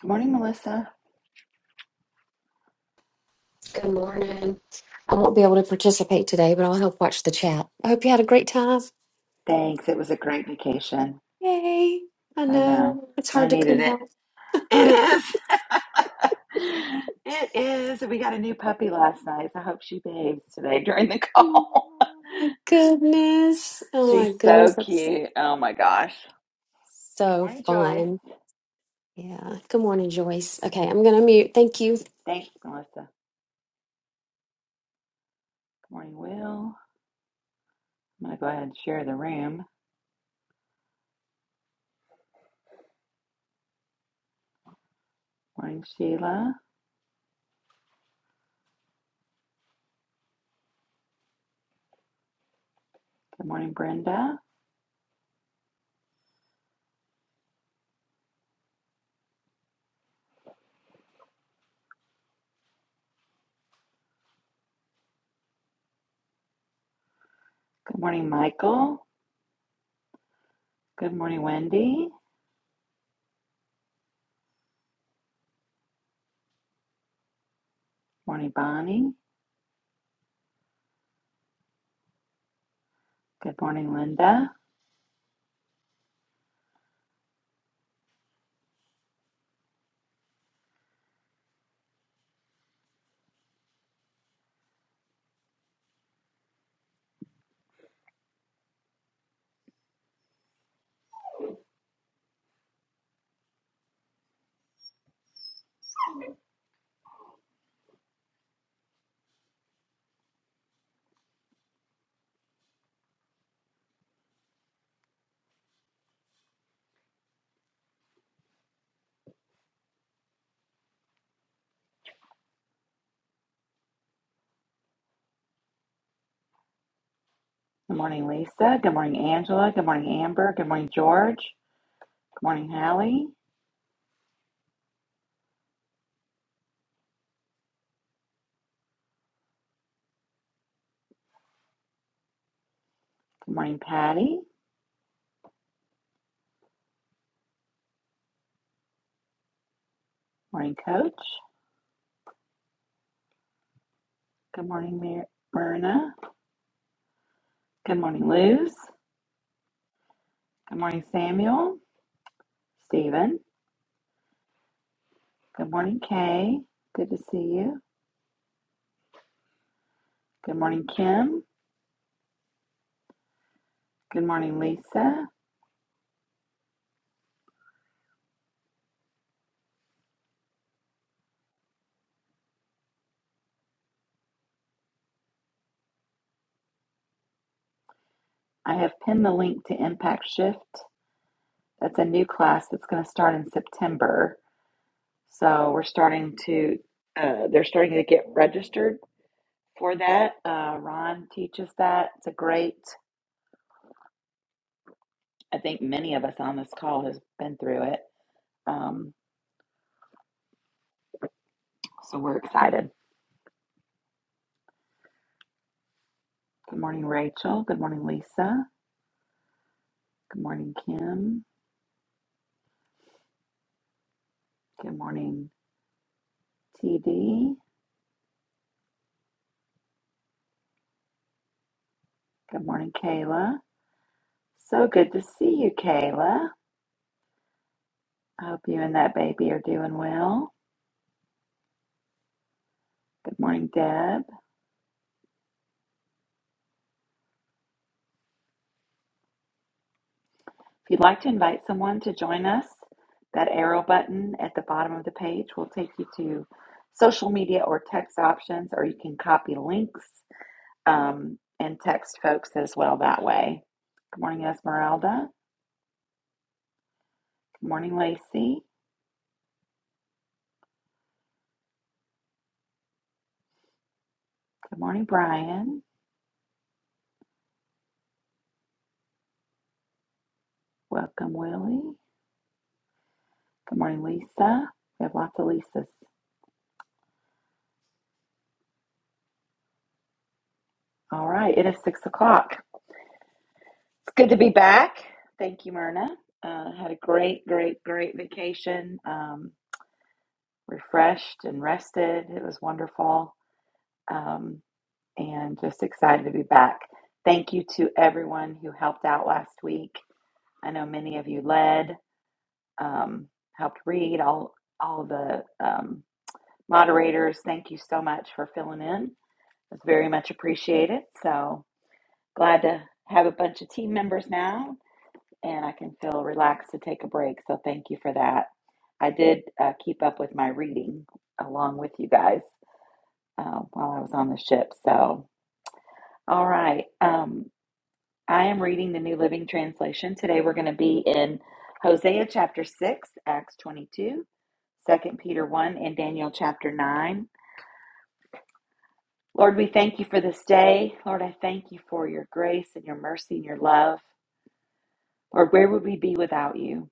Good morning, Melissa. Good morning. I won't be able to participate today, but I'll help watch the chat. I hope you had a great time. Thanks. It was a great vacation. Yay. I I know. know it's I hard to needed come back. it. It is. it is. We got a new puppy last night. So I hope she behaves today during the Oh call. my goodness. Oh my She's goodness. so That's cute. Oh my gosh. Good so morning, Joyce. fun. Yeah. Good morning, Joyce. Okay, I'm going to mute. Thank you. Thanks, Melissa. Good morning, Will. I'm going to go ahead and share the room. Morning, Sheila. Good morning, Brenda. Good morning, Michael. Good morning, Wendy. Morning, Bonnie. Good morning, Linda. Good morning, Lisa. Good morning, Angela. Good morning, Amber. Good morning, George. Good morning, Hallie. Good morning, Patty. Good morning, Coach. Good morning, Mir- Myrna. Good morning, Luz. Good morning, Samuel. Stephen. Good morning, Kay. Good to see you. Good morning, Kim. Good morning, Lisa. I have pinned the link to Impact Shift. That's a new class that's going to start in September. So we're starting to, uh, they're starting to get registered for that. Uh, Ron teaches that. It's a great, I think many of us on this call has been through it. Um, so we're excited. Good morning, Rachel. Good morning, Lisa. Good morning, Kim. Good morning, TD. Good morning, Kayla. So good to see you, Kayla. I hope you and that baby are doing well. Good morning, Deb. If you'd like to invite someone to join us, that arrow button at the bottom of the page will take you to social media or text options, or you can copy links um, and text folks as well that way. Good morning, Esmeralda. Good morning, Lacey. Good morning, Brian. Welcome, Willie. Good morning, Lisa. We have lots of Lisas. All right, it is six o'clock. It's good to be back. Thank you, Myrna. Uh, had a great, great, great vacation. Um, refreshed and rested. It was wonderful um, and just excited to be back. Thank you to everyone who helped out last week. I know many of you led, um, helped read, all, all the um, moderators. Thank you so much for filling in. It's very much appreciated. So glad to have a bunch of team members now, and I can feel relaxed to take a break. So thank you for that. I did uh, keep up with my reading along with you guys. uh, while I was on the ship. So, all right. Um, I am reading the New Living Translation. Today we're going to be in Hosea chapter 6, Acts 22, Second Peter 1, and Daniel chapter 9. Lord, we thank you for this day. Lord, I thank you for your grace and your mercy and your love. Lord, where would we be without you?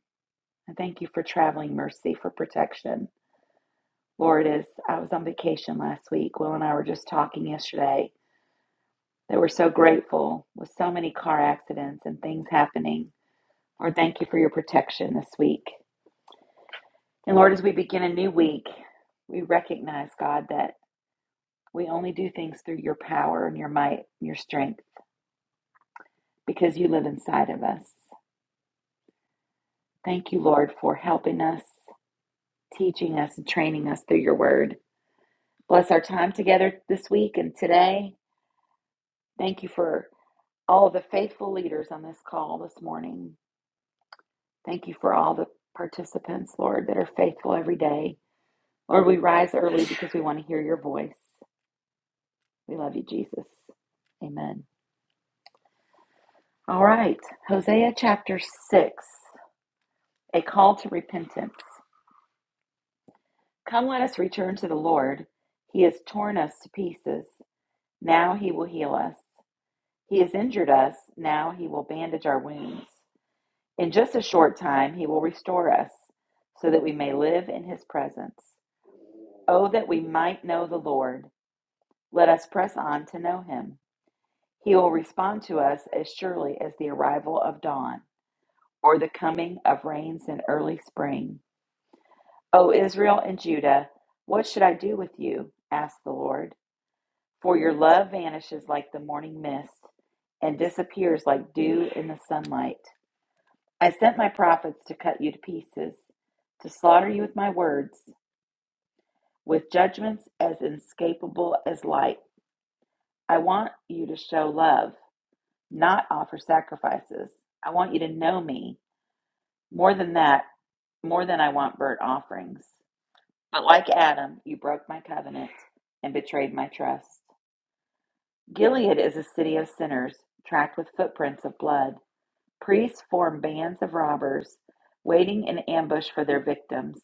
I thank you for traveling mercy, for protection. Lord, as I was on vacation last week, Will and I were just talking yesterday that we're so grateful with so many car accidents and things happening. Lord, thank you for your protection this week. And Lord, as we begin a new week, we recognize, God, that we only do things through your power and your might and your strength because you live inside of us. Thank you, Lord, for helping us, teaching us, and training us through your word. Bless our time together this week and today. Thank you for all of the faithful leaders on this call this morning. Thank you for all the participants, Lord, that are faithful every day. Lord, we rise early because we want to hear your voice. We love you, Jesus. Amen. All right, Hosea chapter 6, a call to repentance. Come, let us return to the Lord. He has torn us to pieces. Now he will heal us. He has injured us. Now he will bandage our wounds. In just a short time, he will restore us so that we may live in his presence. Oh, that we might know the Lord Let us press on to know him. He will respond to us as surely as the arrival of dawn or the coming of rains in early spring. O Israel and Judah, what should I do with you? asked the Lord. For your love vanishes like the morning mist and disappears like dew in the sunlight. I sent my prophets to cut you to pieces, to slaughter you with my words, with judgments as inescapable as light. I want you to show love not offer sacrifices. I want you to know me more than that, more than I want burnt offerings. But like Adam, you broke my covenant and betrayed my trust. Gilead is a city of sinners, tracked with footprints of blood. Priests form bands of robbers, waiting in ambush for their victims.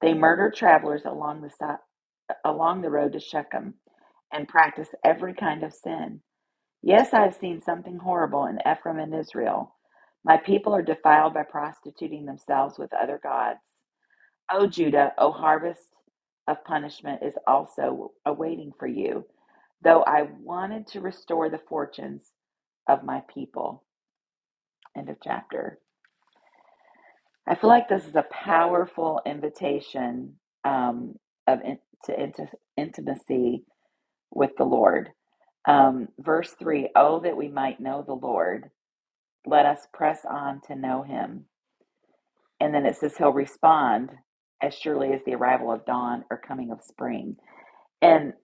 They murder travelers along the si- along the road to Shechem, and practice every kind of sin. Yes, I have seen something horrible in Ephraim and Israel. My people are defiled by prostituting themselves with other gods. O Judah, O harvest of punishment is also awaiting for you, though I wanted to restore the fortunes of my people. End of chapter. I feel like this is a powerful invitation um, of in, to inti- intimacy with the Lord. Um, verse 3: Oh, that we might know the Lord Let us press on to know him. And then it says he'll respond as surely as the arrival of dawn or coming of spring. And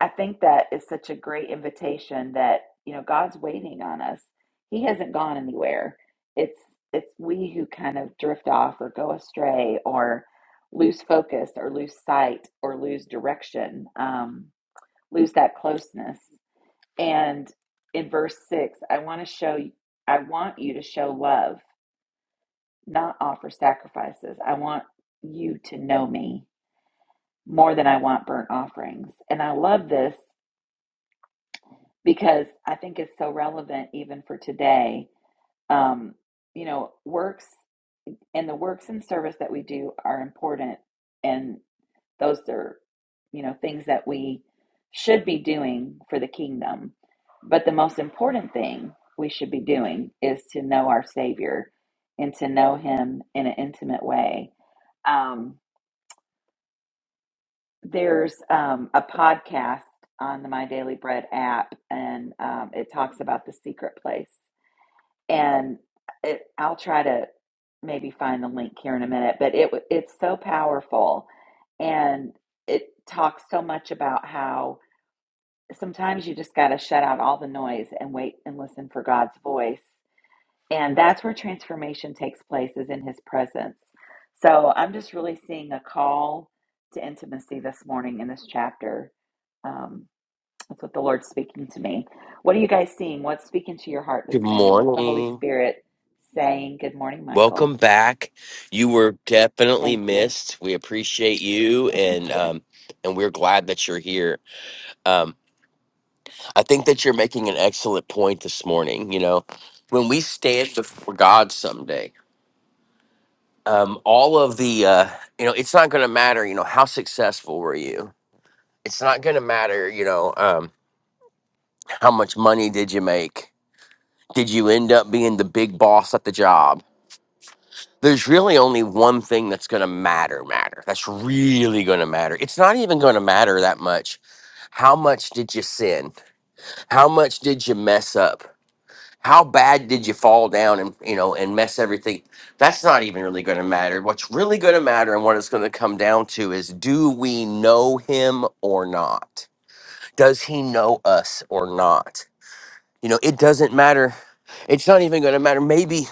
I think that is such a great invitation that, you know, God's waiting on us. He hasn't gone anywhere. It's it's we who kind of drift off or go astray or lose focus or lose sight or lose direction, um, lose that closeness. And in verse six, I want to show I want you to show love not offer sacrifices. I want you to know me more than I want burnt offerings. And I love this because I think it's so relevant even for today. Um, you know, works and the works and service that we do are important. And those are, you know, things that we should be doing for the kingdom. But the most important thing we should be doing is to know our Savior and to know Him in an intimate way. Um, there's um, a podcast on the My Daily Bread app, and um, it talks about the secret place. And it, I'll try to maybe find the link here in a minute, but it it's so powerful, and it talks so much about how sometimes you just got to shut out all the noise and wait and listen for God's voice and that's where transformation takes place, is in his presence. So I'm just really seeing a call to intimacy this morning in this chapter. Um, that's what the Lord's speaking to me. What are you guys seeing? What's speaking to your heart Good this morning? What's the Holy morning. Spirit saying? Good morning, Michael. Welcome back. You were definitely Thank you. missed. We appreciate you, Thank and you. um, and we're glad that you're here. Um, I think that you're making an excellent point this morning. You know, when we stand before God someday, um, all of the uh, you know, it's not going to matter. You know, how successful were you? It's not going to matter. You know, um, how much money did you make? Did you end up being the big boss at the job? there's really only one thing that's going to matter matter that's really going to matter it's not even going to matter that much how much did you sin how much did you mess up how bad did you fall down and you know and mess everything that's not even really going to matter what's really going to matter and what it's going to come down to is do we know him or not does he know us or not you know it doesn't matter it's not even going to matter maybe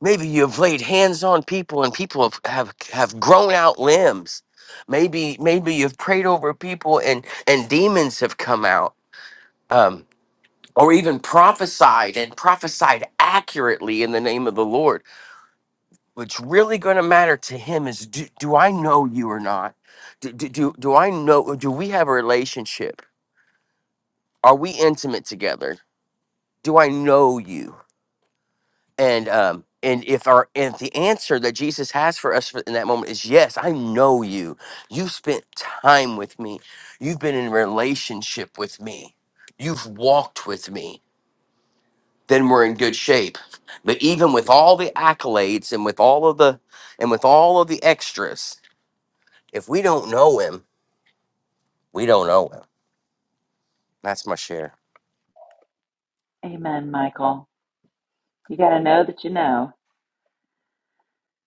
Maybe you've laid hands on people and people have, have, have grown out limbs. Maybe maybe you've prayed over people and, and demons have come out. Um, or even prophesied and prophesied accurately in the name of the Lord. What's really going to matter to him is do, do I know you or not? Do, do, do, do I know? Do we have a relationship? Are we intimate together? Do I know you? and um and if our and if the answer that jesus has for us in that moment is yes i know you you spent time with me you've been in relationship with me you've walked with me then we're in good shape but even with all the accolades and with all of the and with all of the extras if we don't know him we don't know him that's my share Amen, Michael. You got to know that you know.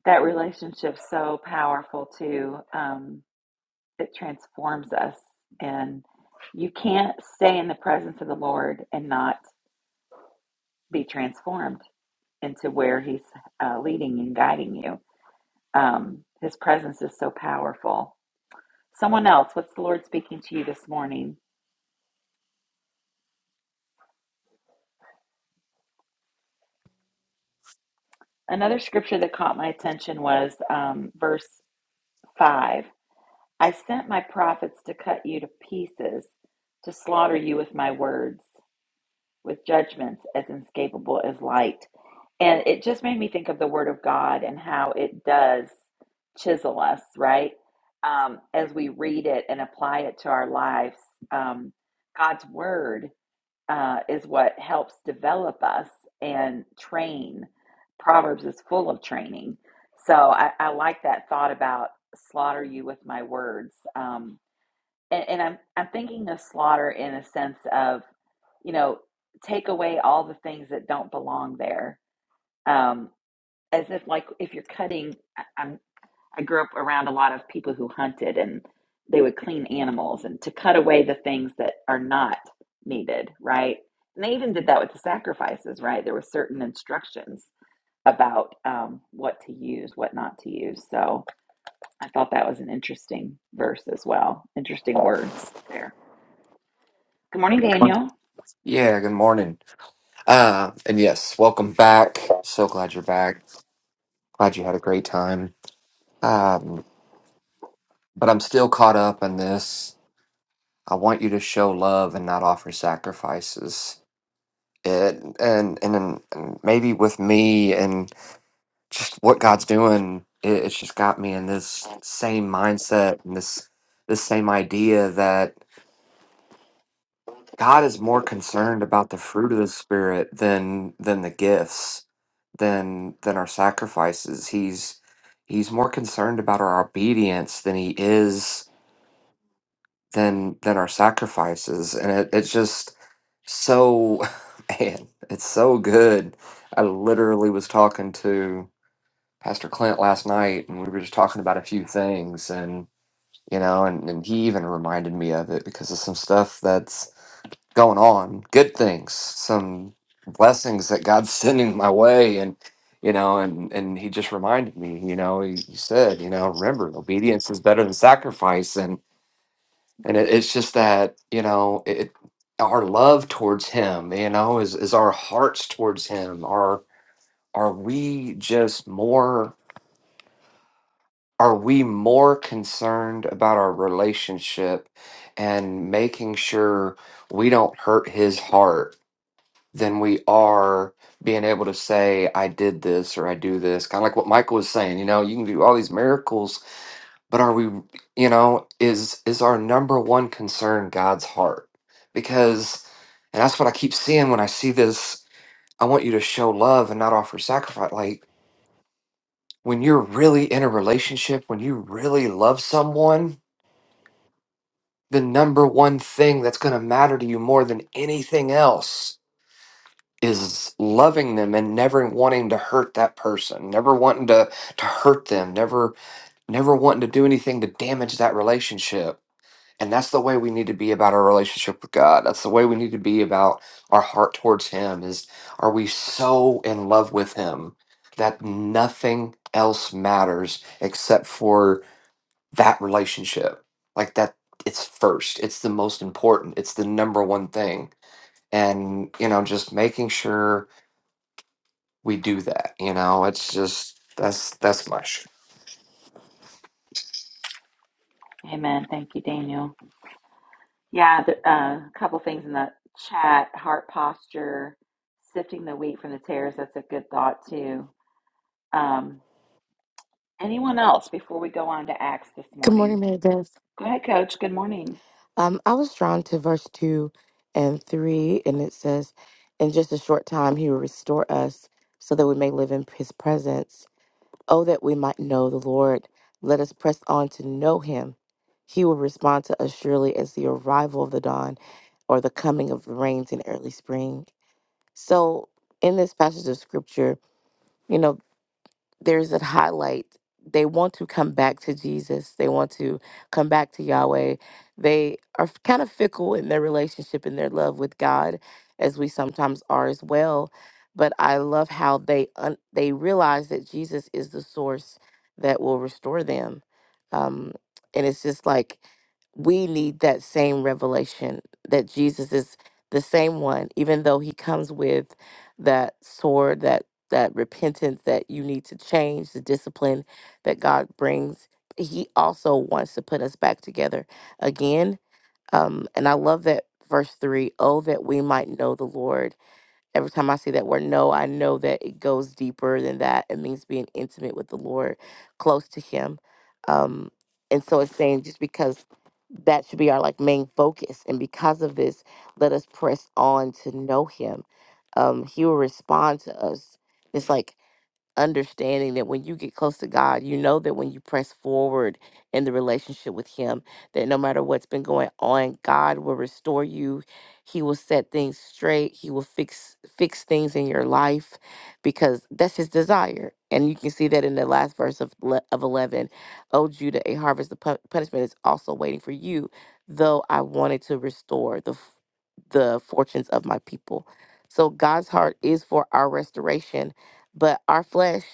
That relationship's so powerful, too. Um, it transforms us and you can't stay in the presence of the lord and not be transformed into where he's uh, leading and guiding you um, his presence is so powerful someone else what's the lord speaking to you this morning another scripture that caught my attention was um, verse 5 i sent my prophets to cut you to pieces to slaughter you with my words with judgments as inescapable as light. And it just made me think of the Word of God and how it does chisel us, right? Um, as we read it and apply it to our lives, um, God's Word uh, is what helps develop us and train. Proverbs is full of training. So I, I like that thought about slaughter you with my words. Um, and, and I'm I'm thinking of slaughter in a sense of, you know, take away all the things that don't belong there. Um, as if like if you're cutting, I, I'm I grew up around a lot of people who hunted and they would clean animals and to cut away the things that are not needed, right? And they even did that with the sacrifices, right? There were certain instructions about um, what to use, what not to use. So I thought that was an interesting verse as well. Interesting words there. Good morning, Daniel. Yeah, good morning. Uh, and yes, welcome back. So glad you're back. Glad you had a great time. Um, but I'm still caught up in this. I want you to show love and not offer sacrifices. It, and, and and and maybe with me and just what God's doing, it, it's just got me in this same mindset and this this same idea God is more concerned about the fruit of the spirit than than the gifts than than our sacrifices. He's he's more concerned about our obedience than he is than than our sacrifices. And it, it's just so man, it's so good. I literally was talking to Pastor Clint last night and we were just talking about a few things and you know and, and he even reminded me of it because of some stuff that's going on, good things, some blessings that God's sending my way, and you know, and and He just reminded me, you know, He, he said, you know, remember, obedience is better than sacrifice, and and it, it's just that you know it. Our love towards Him, you know, is is our hearts towards Him. Are are we just more? Are we more concerned about our relationship and making sure we don't hurt His heart than we are being able to say, I did this or I do this. Kind of like what Michael was saying, you know, you can do all these miracles, but are we, you know, is is our number one concern God's heart? Because and that's what I keep seeing when I see this, I want you to show love and not offer sacrifice. Like when you're really in a relationship, when you really love someone, the number one thing that's going to matter to you more than anything else is loving them and never wanting to hurt that person, never wanting to to hurt them, never never wanting to do anything to damage that relationship. And that's the way we need to be about our relationship with God. That's the way we need to be about our heart towards him is are we so in love with him that nothing else matters except for that relationship. Like that it's first. It's the most important. It's the number one thing. And you know, just making sure we do that. You know, it's just that's that's my shit. Amen. Thank you, Daniel. Yeah, the, uh, a couple things in the chat heart posture, sifting the wheat from the tares. That's a good thought, too. Um, anyone else before we go on to Acts this Good morning, morning? Mary Beth. Go ahead, Coach. Good morning. Um, I was drawn to verse 2 and 3, and it says, In just a short time, he will restore us so that we may live in his presence. Oh, that we might know the Lord. Let us press on to know him. He will respond to us surely as the arrival of the dawn or the coming of the rains in early spring. So, in this passage of scripture, you know, there's a highlight they want to come back to jesus they want to come back to yahweh they are f- kind of fickle in their relationship and their love with god as we sometimes are as well but i love how they un- they realize that jesus is the source that will restore them um and it's just like we need that same revelation that jesus is the same one even though he comes with that sword that that repentance that you need to change, the discipline that God brings. He also wants to put us back together again. Um, and I love that verse three, oh, that we might know the Lord. Every time I see that word know, I know that it goes deeper than that. It means being intimate with the Lord, close to Him. Um, and so it's saying just because that should be our like main focus. And because of this, let us press on to know Him. Um, he will respond to us it's like understanding that when you get close to God, you know that when you press forward in the relationship with Him, that no matter what's been going on, God will restore you. He will set things straight. He will fix fix things in your life because that's His desire. And you can see that in the last verse of le- of eleven, "O Judah, a harvest of pu- punishment is also waiting for you, though I wanted to restore the f- the fortunes of my people." So God's heart is for our restoration but our flesh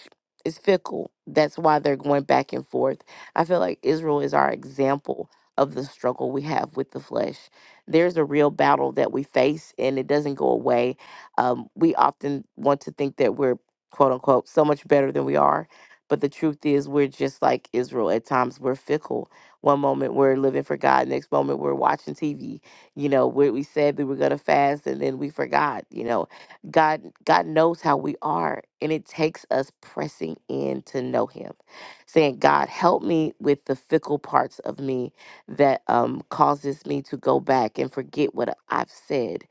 is fickle. That's why they're going back and forth. I feel like Israel is our example of the struggle we have with the flesh. There's a real battle that we face and it doesn't go away. Um, we often want to think that we're, quote unquote, so much better than we are. But the truth is, we're just like Israel. At times, we're fickle. One moment we're living for God, next moment we're watching TV. You know, we, we said we were going to fast and then we forgot. You know, God God knows how we are and it takes us pressing in to know him saying God help me with the fickle parts of me that um causes me to go back and forget what I've said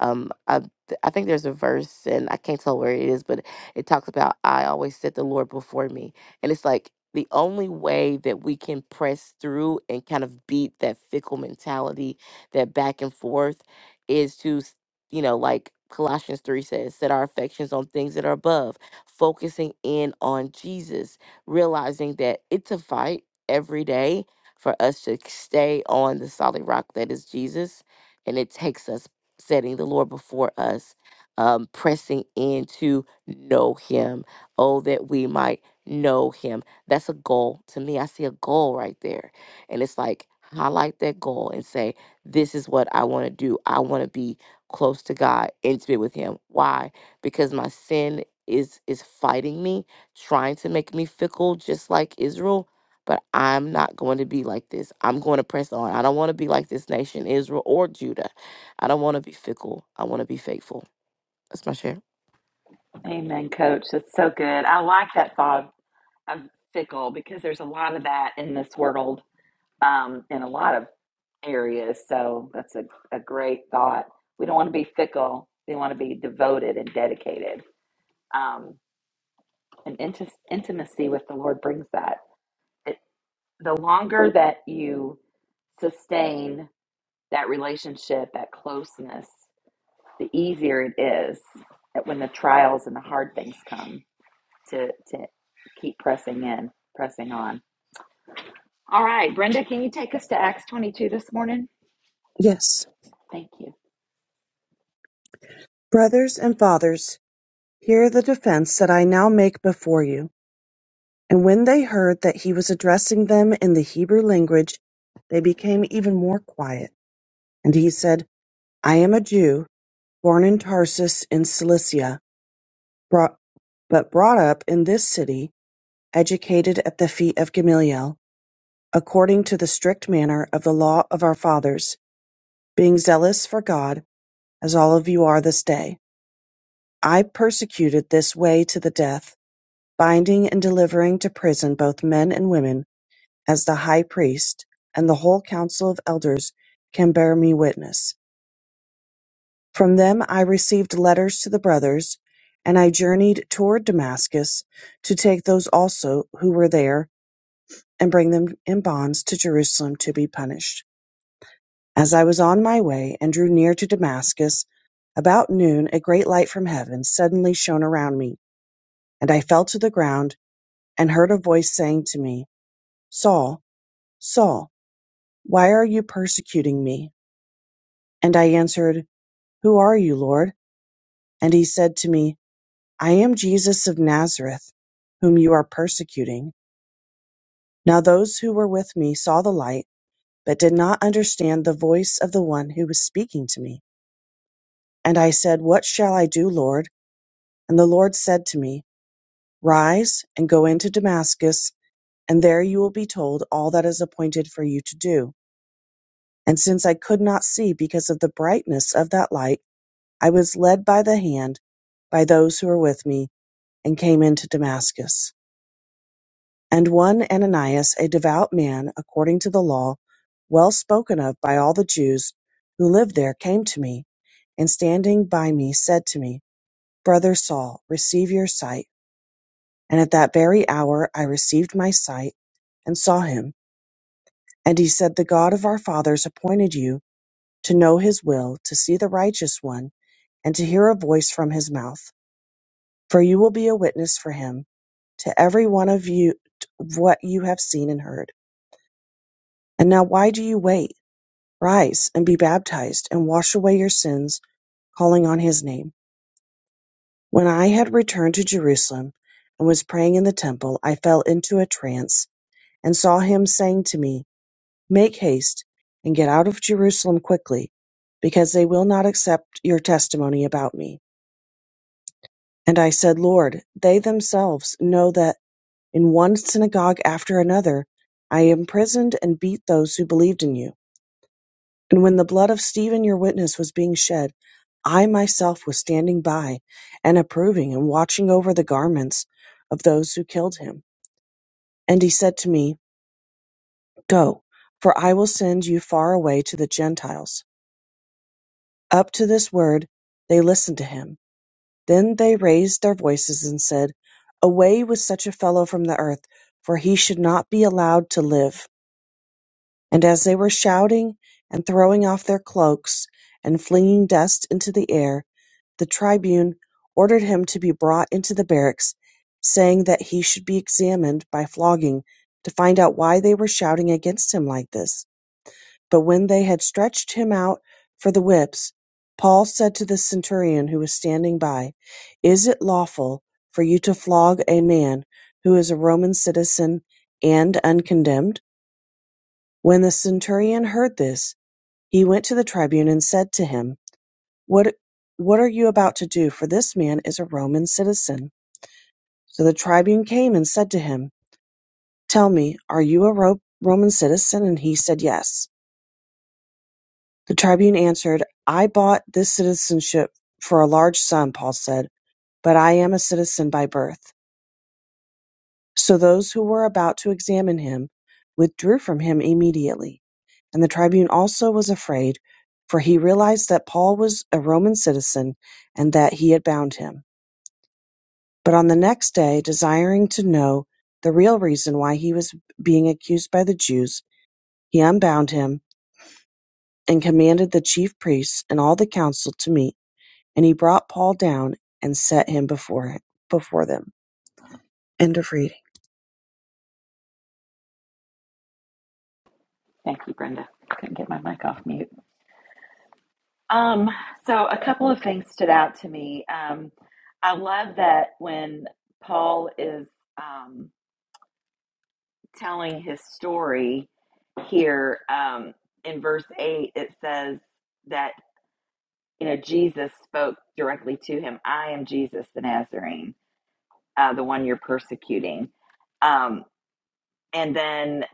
um, I, th- I think there's a verse, and I can't tell where it is, but it talks about I always set the Lord before me, and it's like the only way that we can press through and kind of beat that fickle mentality, that back and forth, is to, s- you know, like Colossians three says, set our affections on things that are above, focusing in on Jesus, realizing that it's a fight every day for us to stay on the solid rock that is Jesus. And it takes us setting the Lord before us, um, pressing in to know Him. Oh, that we might know Him. That's a goal. To me, I see a goal right there. And it's like, highlight that goal and say, this is what I want to do. I want to be close to God, intimate with Him. Why? Because my sin is is fighting me, trying to make me fickle, just like Israel. But I'm not going to be like this. I'm going to press on. I don't want to be like this nation, Israel or Judah. I don't want to be fickle. I want to be faithful. That's my share. Amen, Coach. That's so good. I like that thought of, of fickle because there's a lot of that in this world um, in a lot of areas. So that's a, a great thought. We don't want to be fickle, we want to be devoted and dedicated. Um, and inti- intimacy with the Lord brings that. It, the longer that you sustain that relationship, that closeness, the easier it is that when the trials and the hard things come to to keep pressing in, pressing on. All right, Brenda, can you take us to Acts 22 this morning? Yes, Thank you. brothers and fathers, hear the defense that I now make before you. And when they heard that he was addressing them in the Hebrew language, they became even more quiet. And he said, I am a Jew, born in Tarsus in Cilicia, brought, but brought up in this city, educated at the feet of Gamaliel, according to the strict manner of the law of our fathers, being zealous for God, as all of you are this day. I persecuted this way to the death binding and delivering to prison both men and women, as the high priest, and the whole council of elders can bear me witness. From them I received letters to the brothers, and I journeyed toward Damascus to take those also who were there and bring them in bonds to Jerusalem to be punished. As I was on my way and drew near to Damascus, about noon a great light from heaven suddenly shone around me, and I fell to the ground and heard a voice saying to me, Saul, Saul, why are you persecuting me? And I answered, Who are you, Lord? And he said to me, I am Jesus of Nazareth, whom you are persecuting. Now those who were with me saw the light, but did not understand the voice of the one who was speaking to me. And I said, What shall I do, Lord? And the Lord said to me, Rise and go into Damascus, and there you will be told all that is appointed for you to do. And since I could not see because of the brightness of that light, I was led by the hand by those who were with me, and came into Damascus. And one Ananias, a devout man, according to the law, well spoken of by all the Jews who lived there, came to me, and standing by me said to me, Brother Saul, receive your sight. And at that very hour I received my sight, and saw him. And he said, The God of our fathers appointed you to know his will, to see the righteous one, and to hear a voice from his mouth. For you will be a witness for him to every one of you what you have seen and heard. And now why do you wait? Rise and be baptized and wash away your sins, calling on his name. When I had returned to Jerusalem and was praying in the temple, I fell into a trance and saw him saying to me, Make haste and get out of Jerusalem quickly, because they will not accept your testimony about me. And I said, Lord, they themselves know that in one synagogue after another. I imprisoned and beat those who believed in you. And when the blood of Stephen, your witness, was being shed, I myself was standing by and approving and watching over the garments of those who killed him. And he said to me, Go, for I will send you far away to the Gentiles. Up to this word, they listened to him. Then they raised their voices and said, Away with such a fellow from the earth, for he should not be allowed to live. And as they were shouting and throwing off their cloaks and flinging dust into the air, the tribune ordered him to be brought into the barracks, saying that he should be examined by flogging to find out why they were shouting against him like this. But when they had stretched him out for the whips, Paul said to the centurion who was standing by, Is it lawful for you to flog a man who is a Roman citizen and uncondemned? When the centurion heard this, he went to the tribune and said to him, what, what are you about to do? For this man is a Roman citizen. So the tribune came and said to him, Tell me, are you a Ro- Roman citizen? And he said, Yes. The tribune answered, I bought this citizenship for a large sum, Paul said, but I am a citizen by birth. So those who were about to examine him withdrew from him immediately. And the tribune also was afraid, for he realized that Paul was a Roman citizen and that he had bound him. But on the next day, desiring to know the real reason why he was being accused by the Jews, he unbound him and commanded the chief priests and all the council to meet. And he brought Paul down and set him before, before them. End of reading. Thank you, Brenda. I Couldn't get my mic off mute. Um, so a couple of things stood out to me. Um, I love that when Paul is um, telling his story here um, in verse 8 it says that you know jesus spoke directly to him i am jesus the nazarene uh, the one you're persecuting um, and then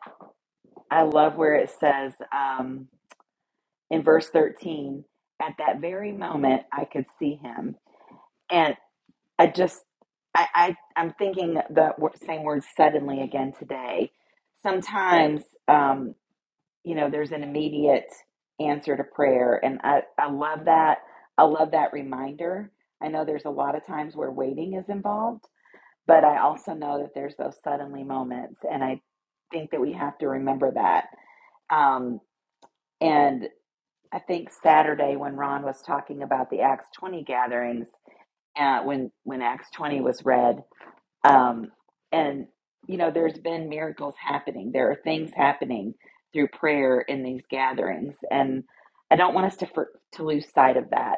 i love where it says um, in verse 13 at that very moment i could see him and i just i, I i'm thinking the same word suddenly again today sometimes um, you know, there's an immediate answer to prayer. And I, I love that. I love that reminder. I know there's a lot of times where waiting is involved, but I also know that there's those suddenly moments. And I think that we have to remember that. Um, and I think Saturday when Ron was talking about the Acts 20 gatherings, uh, when, when Acts 20 was read, um, and, you know, there's been miracles happening. There are things happening through prayer in these gatherings. And I don't want us to, for, to lose sight of that.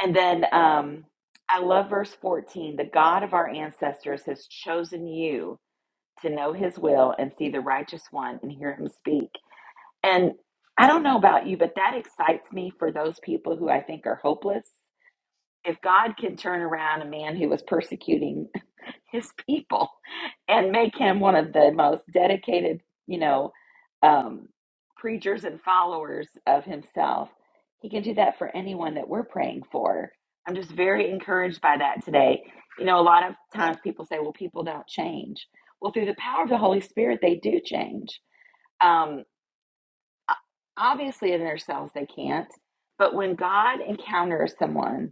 And then um, I love verse 14 the God of our ancestors has chosen you to know his will and see the righteous one and hear him speak. And I don't know about you, but that excites me for those people who I think are hopeless. If God can turn around a man who was persecuting his people and make him one of the most dedicated, you know, um, preachers and followers of himself. He can do that for anyone that we're praying for. I'm just very encouraged by that today. You know, a lot of times people say, well, people don't change. Well, through the power of the Holy Spirit, they do change. Um, obviously, in themselves, they can't. But when God encounters someone,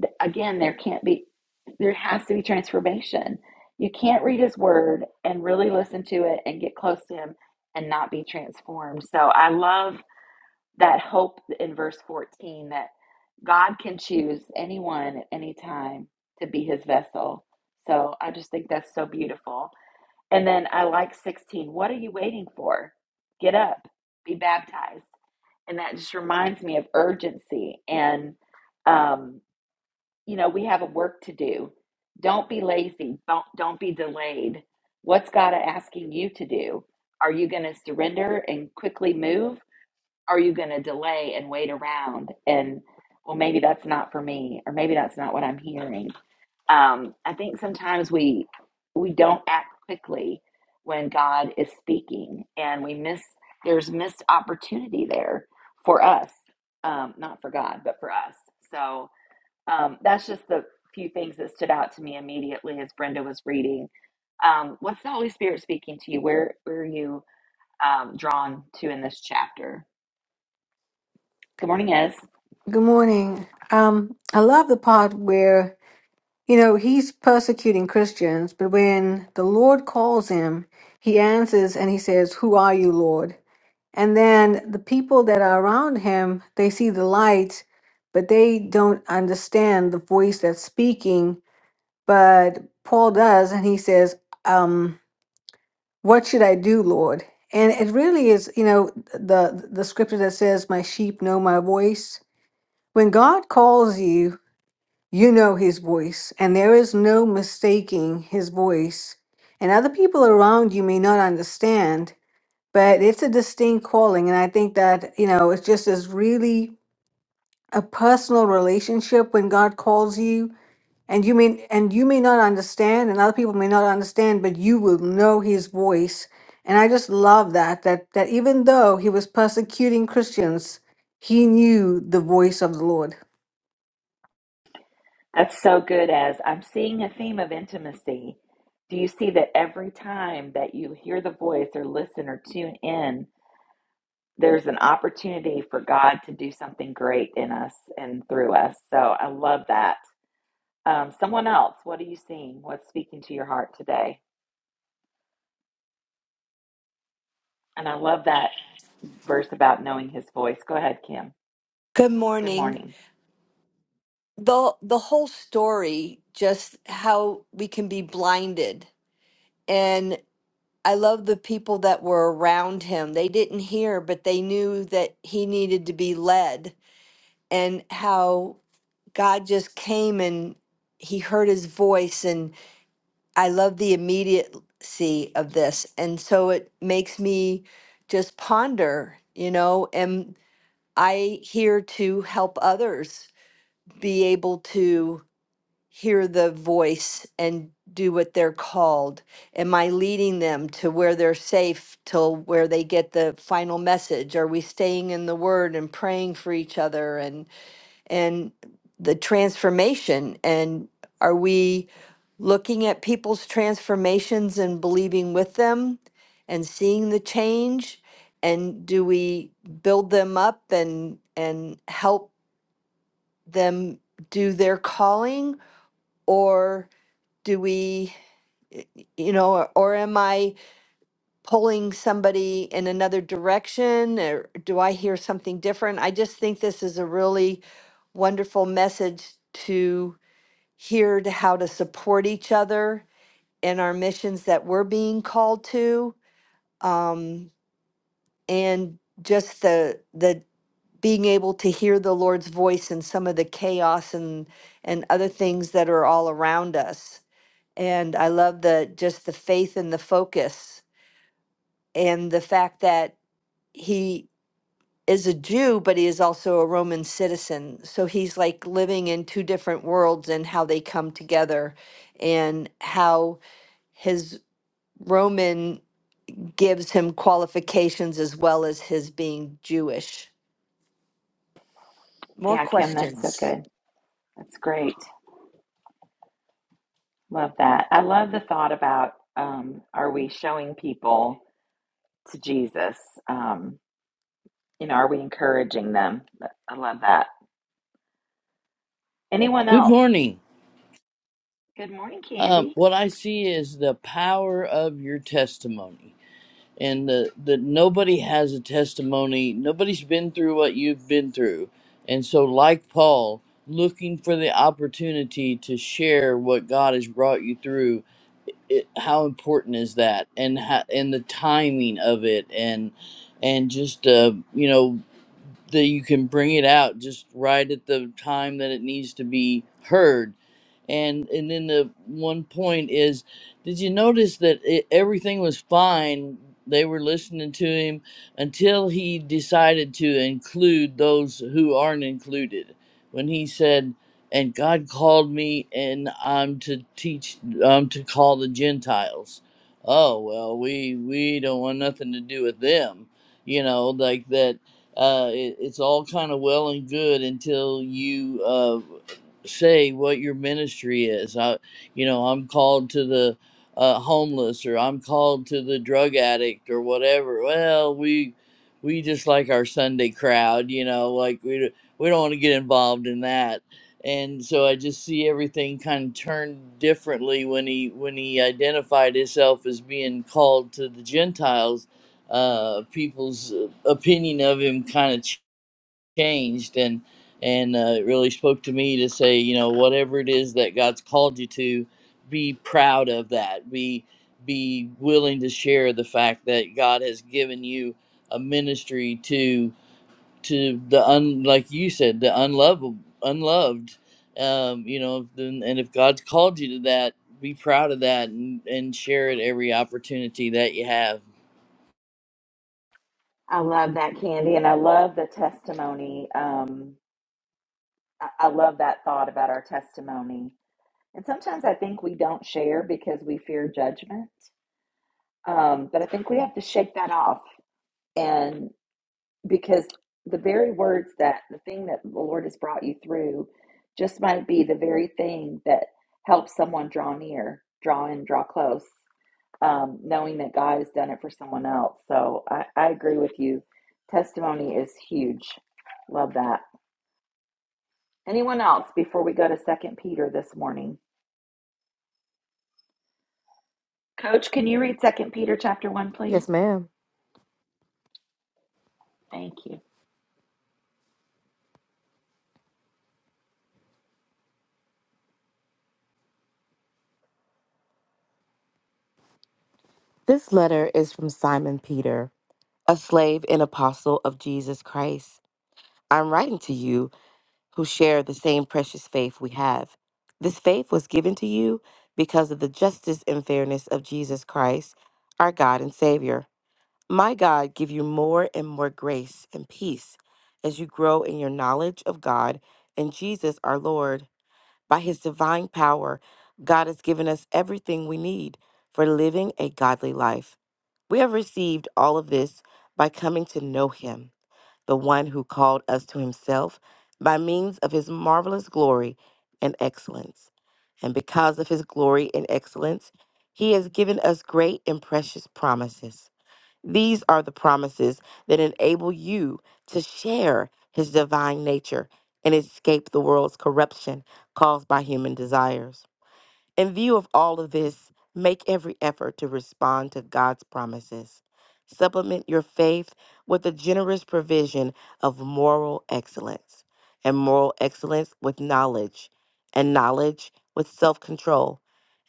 th- again, there can't be, there has to be transformation. You can't read his word and really listen to it and get close to him and not be transformed. So I love that hope in verse 14 that God can choose anyone at any time to be his vessel. So I just think that's so beautiful. And then I like 16. What are you waiting for? Get up, be baptized. And that just reminds me of urgency and um, you know, we have a work to do. Don't be lazy. Don't don't be delayed. What's God asking you to do? Are you going to surrender and quickly move? Are you going to delay and wait around and well, maybe that's not for me, or maybe that's not what I'm hearing. Um, I think sometimes we we don't act quickly when God is speaking, and we miss there's missed opportunity there for us, um, not for God, but for us. So um, that's just the few things that stood out to me immediately as Brenda was reading. Um, what's the Holy Spirit speaking to you? Where, where are you um, drawn to in this chapter? Good morning, Ez. Good morning. Um, I love the part where, you know, he's persecuting Christians, but when the Lord calls him, he answers and he says, Who are you, Lord? And then the people that are around him, they see the light, but they don't understand the voice that's speaking. But Paul does, and he says, um, What should I do, Lord? And it really is, you know, the the scripture that says, My sheep know my voice when God calls you, you know his voice, and there is no mistaking his voice. And other people around you may not understand, but it's a distinct calling. And I think that, you know, it's just is really a personal relationship when God calls you. And you may and you may not understand, and other people may not understand, but you will know his voice. And I just love that, that that even though he was persecuting Christians, he knew the voice of the Lord. That's so good, Ez. I'm seeing a theme of intimacy. Do you see that every time that you hear the voice or listen or tune in, there's an opportunity for God to do something great in us and through us? So I love that. Um, someone else, what are you seeing? What's speaking to your heart today? And I love that verse about knowing his voice. Go ahead, Kim. Good Good morning. morning. The the whole story, just how we can be blinded. And I love the people that were around him. They didn't hear, but they knew that he needed to be led and how God just came and he heard his voice and I love the immediacy of this. And so it makes me just ponder, you know, am I here to help others be able to hear the voice and do what they're called? Am I leading them to where they're safe till where they get the final message? Are we staying in the word and praying for each other and and the transformation and are we looking at people's transformations and believing with them and seeing the change and do we build them up and and help them do their calling or? do we you know or, or am i pulling somebody in another direction or do i hear something different i just think this is a really wonderful message to hear to how to support each other in our missions that we're being called to um, and just the the being able to hear the lord's voice in some of the chaos and and other things that are all around us And I love the just the faith and the focus and the fact that he is a Jew, but he is also a Roman citizen. So he's like living in two different worlds and how they come together and how his Roman gives him qualifications as well as his being Jewish. More Yeah, Kim, that's so questions. good. That's great. Love that. I love the thought about um, are we showing people to Jesus? Um, you know, are we encouraging them? I love that. Anyone Good else? morning. Good morning, Um, Candy. what I see is the power of your testimony, and the that nobody has a testimony. Nobody's been through what you've been through, and so like Paul, looking for the opportunity to share what God has brought you through. It, how important is that, and how, and the timing of it, and and just uh, you know that you can bring it out just right at the time that it needs to be heard. And and then the one point is, did you notice that it, everything was fine? They were listening to him until he decided to include those who aren't included. When he said, "And God called me, and I'm to teach, I'm to call the Gentiles." Oh well, we we don't want nothing to do with them, you know, like that uh, it, it's all kind of well and good until you uh, say what your ministry is. I, you know, I'm called to the uh, homeless, or I'm called to the drug addict, or whatever. Well, we we just like our Sunday crowd, you know, like we d- we don't want to get involved in that. And so I just see everything kind of turned differently when he when he identified himself as being called to the Gentiles, uh, peoples opinion of him kind of ch- changed and and uh, it really spoke to me to say you know whatever it is that god's called you to be proud of that be be willing to share the fact that god has given you a ministry to to the un like you said the unlovable unloved um you know then and if god's called you to that be proud of that and, and share it every opportunity that you have I love that, Candy. And I love the testimony. Um, I, I love that thought about our testimony. And sometimes I think we don't share because we fear judgment Um, but I think we have to shake that off. And because the very words that the thing that the Lord has brought you through just might be the very thing that helps someone draw near, draw in, draw close, um, knowing that God has done it for someone else. So I, I agree with you. Testimony is huge. Love that. Anyone else before we go to Second Peter this morning? Coach, can you read Second Peter chapter one, please? Yes, ma'am. Thank you. This letter is from Simon Peter, a slave and apostle of Jesus Christ. I'm writing to you who share the same precious faith we have. This faith was given to you because of the justice and fairness of Jesus Christ, our God and Savior. My God, give you more and more grace and peace as you grow in your knowledge of God and Jesus our Lord. By his divine power, God has given us everything we need for living a godly life. We have received all of this by coming to know him, the one who called us to himself by means of his marvelous glory and excellence. And because of his glory and excellence, he has given us great and precious promises. These are the promises that enable you to share his divine nature and escape the world's corruption caused by human desires. In view of all of this, make every effort to respond to God's promises. Supplement your faith with the generous provision of moral excellence, and moral excellence with knowledge, and knowledge with self control,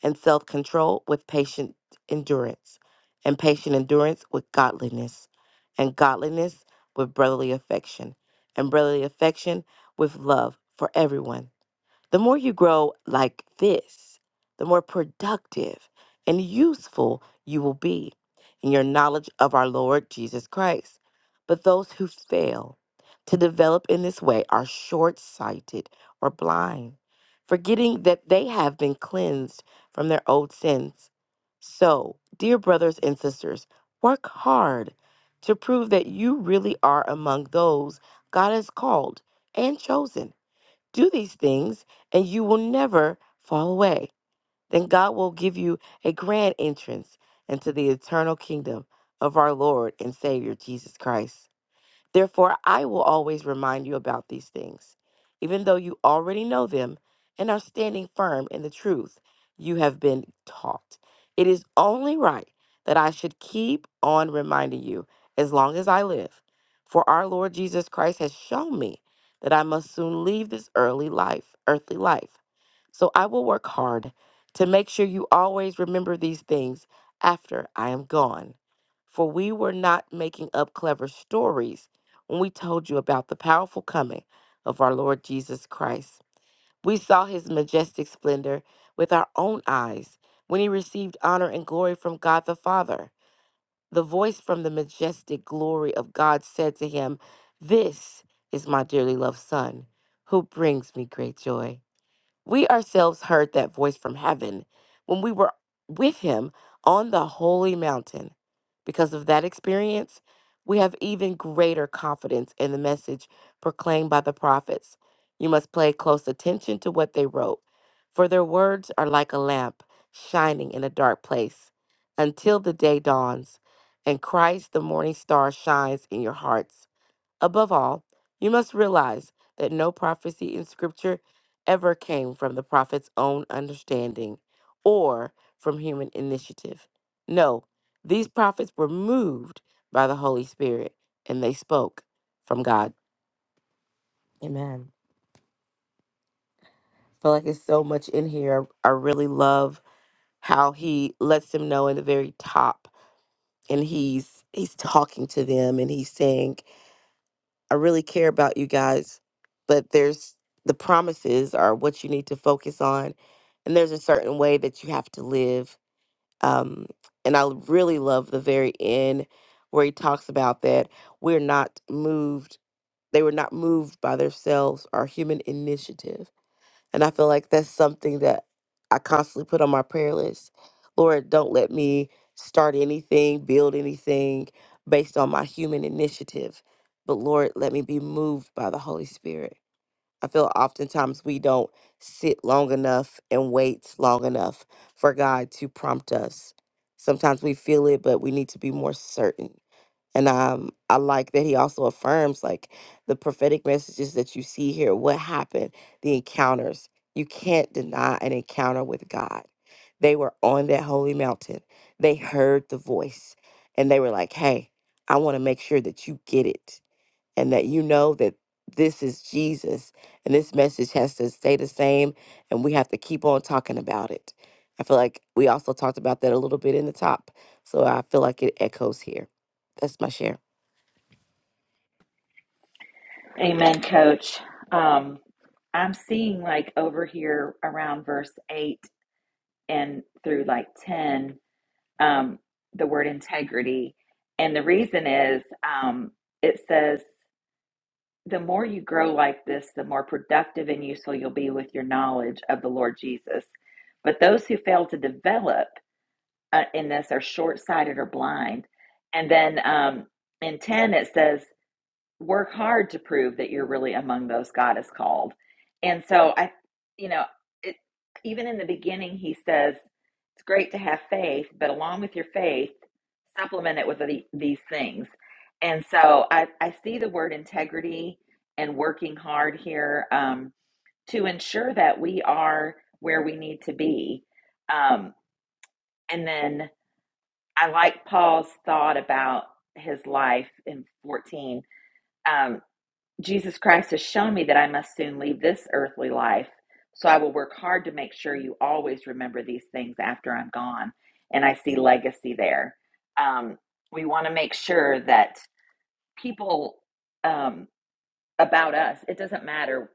and self control with patient endurance, and patient endurance with godliness, and godliness with brotherly affection, and brotherly affection with love for everyone the more you grow like this, the more productive and useful you will be in your knowledge of our Lord Jesus Christ. But those who fail to develop in this way are short sighted or blind, forgetting that they have been cleansed from their old sins. So, dear brothers and sisters, work hard to prove that you really are among those God has called and chosen do these things and you will never fall away. Then God will give you a grand entrance into the eternal kingdom of our Lord and Savior Jesus Christ. Therefore, I will always remind you about these things, even though you already know them and are standing firm in the truth you have been taught. It is only right that I should keep on reminding you as long as I live, for our Lord Jesus Christ has shown me that I must soon leave this early life, earthly life. So I will work hard to make sure you always remember these things after I am gone. For we were not making up clever stories when we told you about the powerful coming of our Lord Jesus Christ. We saw his majestic splendor with our own eyes when he received honor and glory from God the Father. The voice from the majestic glory of God said to him, This is my dearly loved Son, who brings me great joy. We ourselves heard that voice from heaven when we were with him on the holy mountain. Because of that experience, we have even greater confidence in the message proclaimed by the prophets. You must pay close attention to what they wrote, for their words are like a lamp shining in a dark place until the day dawns and Christ the morning star shines in your hearts. Above all, you must realize that no prophecy in Scripture ever came from the prophet's own understanding or from human initiative. No, these prophets were moved by the Holy Spirit and they spoke from God. Amen. I feel like there's so much in here. I really love how he lets them know in the very top and he's he's talking to them and he's saying I really care about you guys, but there's the promises are what you need to focus on, and there's a certain way that you have to live. Um, and I really love the very end where he talks about that we're not moved. They were not moved by themselves or human initiative and I feel like that's something that I constantly put on my prayer list. Lord, don't let me start anything, build anything based on my human initiative, but Lord, let me be moved by the Holy Spirit. I feel oftentimes we don't sit long enough and wait long enough for God to prompt us. Sometimes we feel it, but we need to be more certain. And um, I like that he also affirms like the prophetic messages that you see here, what happened, the encounters. You can't deny an encounter with God. They were on that holy mountain. They heard the voice and they were like, hey, I want to make sure that you get it and that you know that this is Jesus and this message has to stay the same and we have to keep on talking about it. I feel like we also talked about that a little bit in the top. So I feel like it echoes here. That's my share. Amen, coach. Um, I'm seeing like over here around verse 8 and through like 10, um, the word integrity. And the reason is um, it says, the more you grow like this, the more productive and useful you'll be with your knowledge of the Lord Jesus. But those who fail to develop uh, in this are short sighted or blind. And then um, in 10, it says, work hard to prove that you're really among those God has called. And so I, you know, it, even in the beginning, he says it's great to have faith, but along with your faith, supplement it with the, these things. And so I, I see the word integrity and working hard here um, to ensure that we are where we need to be. Um, and then I like Paul's thought about his life in 14 Um, Jesus Christ has shown me that I must soon leave this earthly life, so I will work hard to make sure you always remember these things after I'm gone. And I see legacy there. Um, we want to make sure that people um, about us, it doesn't matter.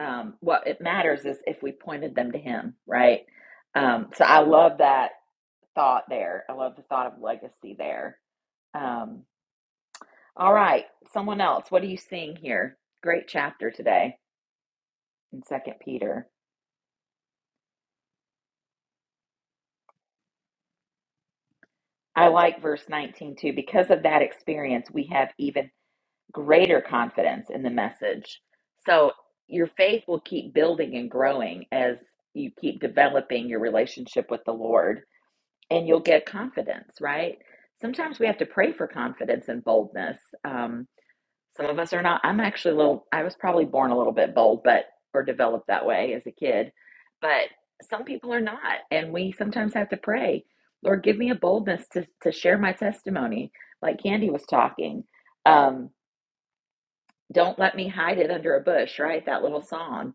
Um, what it matters is if we pointed them to Him, right? Um, so I love that thought there. I love the thought of legacy there. Um, all right, someone else, what are you seeing here? Great chapter today. in second peter i like verse 19 too because of that experience we have even greater confidence in the message so your faith will keep building and growing as you keep developing your relationship with the lord and you'll get confidence right sometimes we have to pray for confidence and boldness Um, Some of us are not. I'm actually a little, I was probably born a little bit bold, but, or developed that way as a kid. But some people are not. And we sometimes have to pray, Lord, give me a boldness to, to share my testimony, like Candy was talking. Um, don't let me hide it under a bush, right? That little song,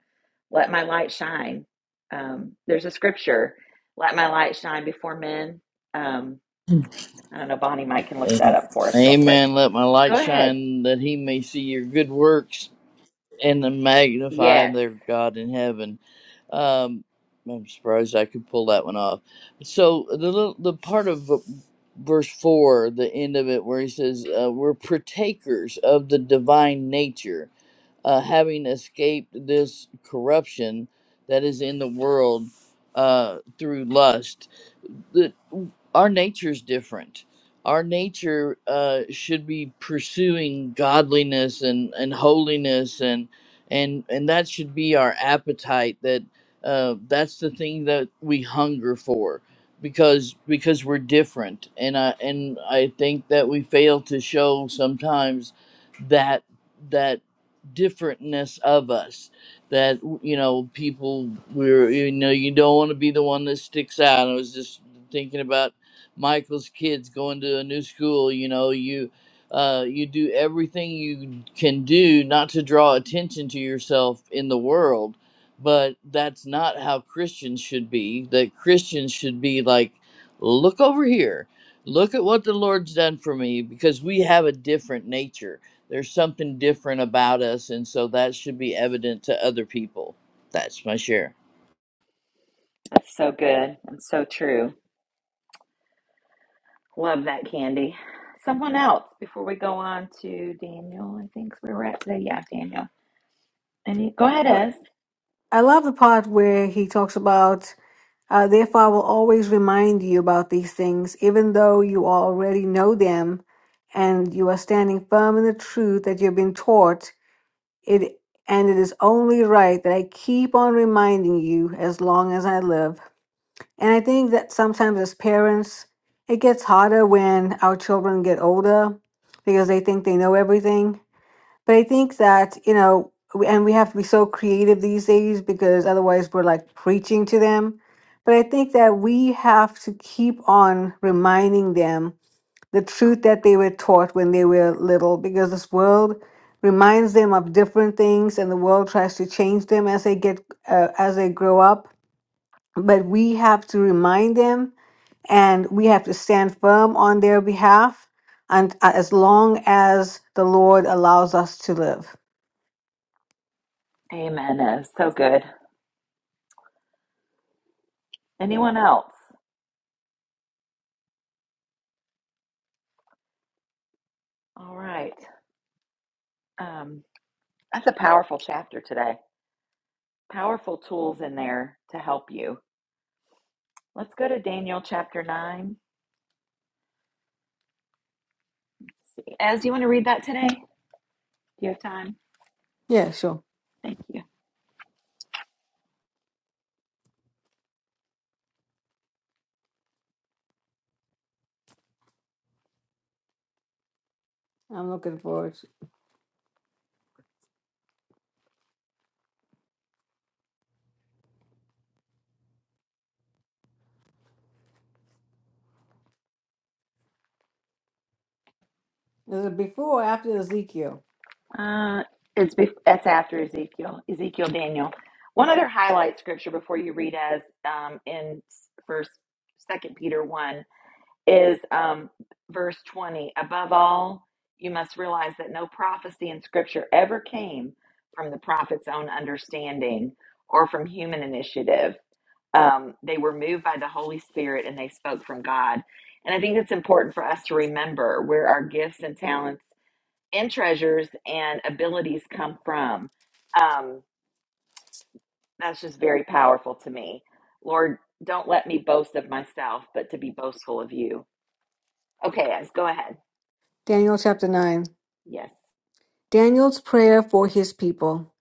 Let My Light Shine. Um, there's a scripture, Let My Light Shine Before Men. Um, I don't know, Bonnie Mike can look that up for us real quick. Amen. Let my light Go ahead. shine that he may see your good works and then magnify Yes. their God in heaven. Um, I'm surprised I could pull that one off. So the little, the part of v- verse four, the end of it, where he says, uh, "We're partakers of the divine nature." uh, having escaped this corruption that is in the world uh, through lust. The, our nature's different. Our nature uh, should be pursuing godliness and, and holiness and and and that should be our appetite. That uh, that's the thing that we hunger for because because we're different and I and I think that we fail to show sometimes that that differentness of us that you know people we're you know you don't want to be the one that sticks out i was just thinking about michael's kids going to a new school you know you uh, you do everything you can do not to draw attention to yourself in the world but that's not how christians should be that christians should be like look over here look at what the lord's done for me because we have a different nature there's something different about us, and so that should be evident to other people. That's my share. That's so good and so true. Love that, Candy. Someone else before we go on to Daniel. I think we were at today. Yeah, Daniel. Any? Go ahead, Well, Ez. I love the part where he talks about Uh, therefore, I will always remind you about these things, even though you already know them and you are standing firm in the truth that you've been taught. It and it is only right that I keep on reminding you as long as I live. And I think that sometimes as parents, it gets harder when our children get older because they think they know everything. But I think that, you know, we- and we have to be so creative these days because otherwise we're like preaching to them. But I think that we have to keep on reminding them the truth that they were taught when they were little because this world reminds them of different things and the world tries to change them as they get uh, as they grow up but we have to remind them and we have to stand firm on their behalf and uh, as long as the lord allows us to live Amen, Ez. So good. Anyone else? All right. Um, that's a powerful chapter today. Powerful tools in there to help you. Let's go to Daniel chapter nine. Ez, you want to read that today? Do you have time? Yeah, sure. Thank you. I'm looking forward. to- Is it before or after Ezekiel? Uh, it's bef- that's after Ezekiel, Ezekiel, Daniel. One other highlight scripture before you read us um, in First, Second Peter one is um, verse twenty. Above all, you must realize that no prophecy in Scripture ever came from the prophet's own understanding or from human initiative. Um, they were moved by the Holy Spirit and they spoke from God. And I think it's important for us to remember where our gifts and talents and treasures and abilities come from. Um, that's just very powerful to me. Lord, don't let me boast of myself, but to be boastful of you. Okay, guys, go ahead. Daniel chapter 9. Yes. Daniel's prayer for his people.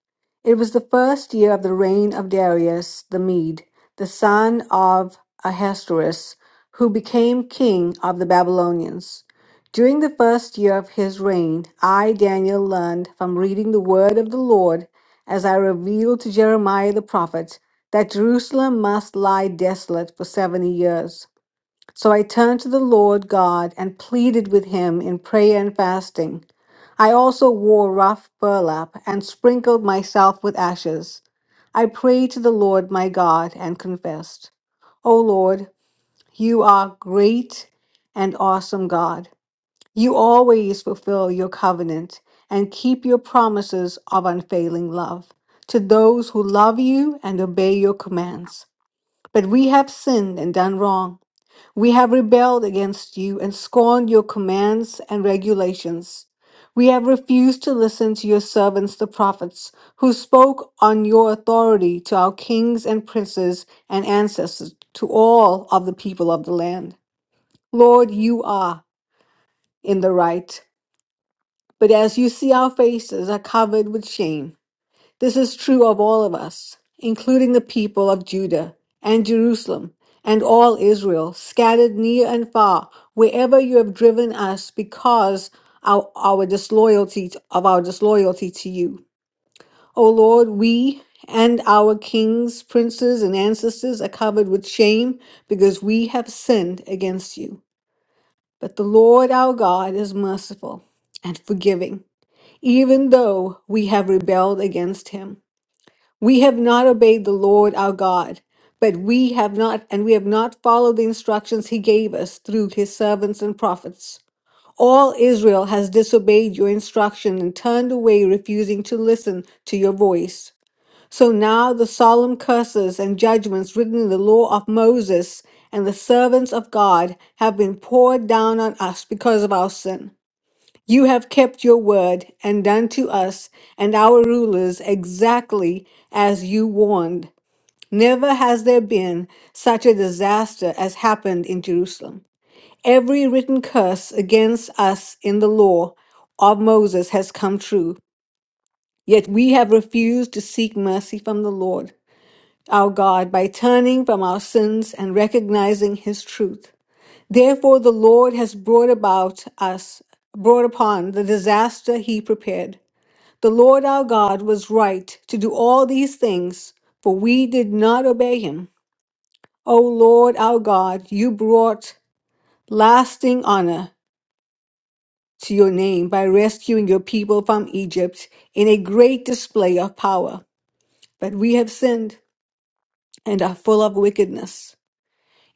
It was the first year of the reign of Darius the Mede, the son of Ahasuerus, who became king of the Babylonians. During the first year of his reign, I, Daniel, learned from reading the word of the Lord as I revealed to Jeremiah the prophet that Jerusalem must lie desolate for 70 years. So I turned to the Lord God and pleaded with him in prayer and fasting. I also wore rough burlap and sprinkled myself with ashes. I prayed to the Lord my God and confessed, O Lord, you are great and awesome God. You always fulfill your covenant and keep your promises of unfailing love to those who love you and obey your commands. But we have sinned and done wrong. We have rebelled against you and scorned your commands and regulations. We have refused to listen to your servants, the prophets, who spoke on your authority to our kings and princes and ancestors, to all of the people of the land. Lord, you are in the right. But as you see, our faces are covered with shame. This is true of all of us, including the people of Judah and Jerusalem and all Israel, scattered near and far, wherever you have driven us because of our disloyalty of our disloyalty to you. O Lord, we and our kings, princes, and ancestors are covered with shame because we have sinned against you. But the Lord our God is merciful and forgiving, even though we have rebelled against him. We have not obeyed the Lord our God, but we have not, and we have not followed the instructions he gave us through his servants and prophets. All Israel has disobeyed your instruction and turned away, refusing to listen to your voice. So now the solemn curses and judgments written in the law of Moses and the servants of God have been poured down on us because of our sin. You have kept your word and done to us and our rulers exactly as you warned. Never has there been such a disaster as happened in Jerusalem. Every written curse against us in the law of Moses has come true. Yet we have refused to seek mercy from the Lord our God by turning from our sins and recognizing his truth. Therefore the Lord has brought about us brought upon the disaster he prepared. The Lord our God was right to do all these things, for we did not obey him. O Lord our God, you brought lasting honor to your name by rescuing your people from Egypt in a great display of power. But we have sinned and are full of wickedness.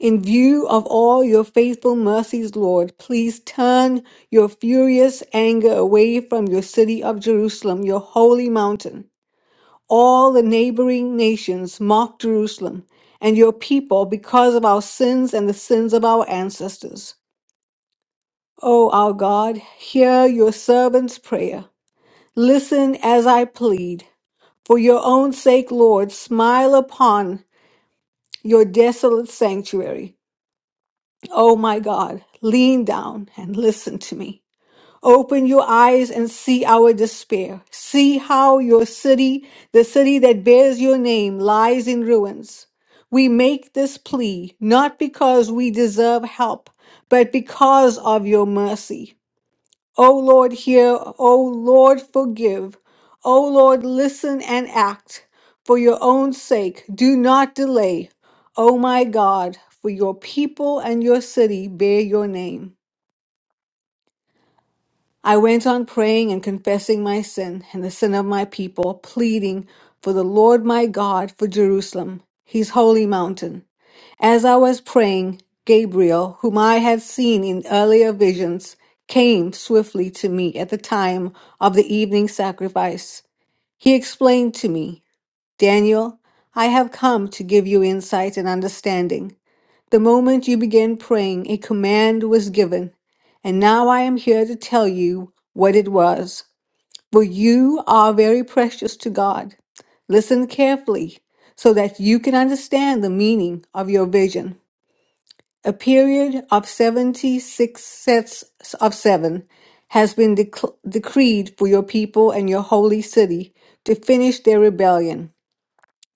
In view of all your faithful mercies, Lord, please turn your furious anger away from your city of Jerusalem, your holy mountain. All the neighboring nations mock Jerusalem and your people because of our sins and the sins of our ancestors. O our God, hear your servant's prayer. Listen as I plead. For your own sake, Lord, smile upon your desolate sanctuary. O my God, lean down and listen to me. Open your eyes and see our despair. See how your city, the city that bears your name, lies in ruins. We make this plea not because we deserve help, but because of your mercy. O Lord, hear. O Lord, forgive. O Lord, listen and act. For your own sake, do not delay. O my God, for your people and your city bear your name. I went on praying and confessing my sin and the sin of my people, pleading for the Lord my God for Jerusalem, his holy mountain. As I was praying, Gabriel, whom I had seen in earlier visions, came swiftly to me at the time of the evening sacrifice. He explained to me. Daniel, I have come to give you insight and understanding. The moment you began praying, a command was given, and now I am here to tell you what it was. For you are very precious to God. Listen carefully so that you can understand the meaning of your vision. A period of 76 sets of seven has been dec- decreed for your people and your holy city to finish their rebellion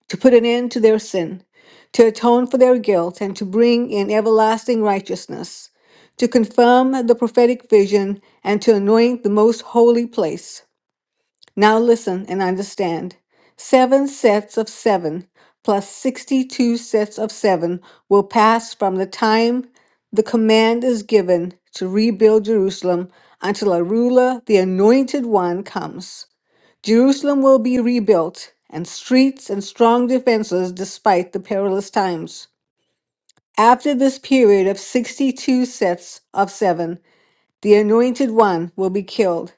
to put an end to their sin, to atone for their guilt, and to bring in everlasting righteousness, to confirm the prophetic vision, and to anoint the most holy place. Now listen and understand. Seven sets of seven plus 62 sets of seven will pass from the time the command is given to rebuild Jerusalem until a ruler, the anointed one, comes. Jerusalem will be rebuilt, and streets and strong defenses despite the perilous times. After this period of 62 sets of seven, the anointed one will be killed,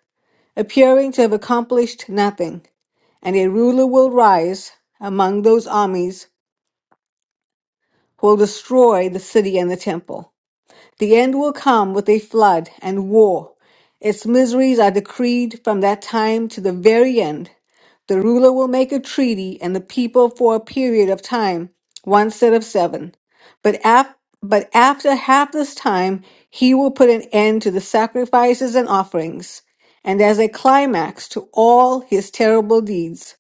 appearing to have accomplished nothing, and a ruler will rise among those armies who will destroy the city and the temple. The end will come with a flood and war. Its miseries are decreed from that time to the very end. The ruler will make a treaty and the people for a period of time, one set of seven. But, af- but after half this time, he will put an end to the sacrifices and offerings, and as a climax to all his terrible deeds.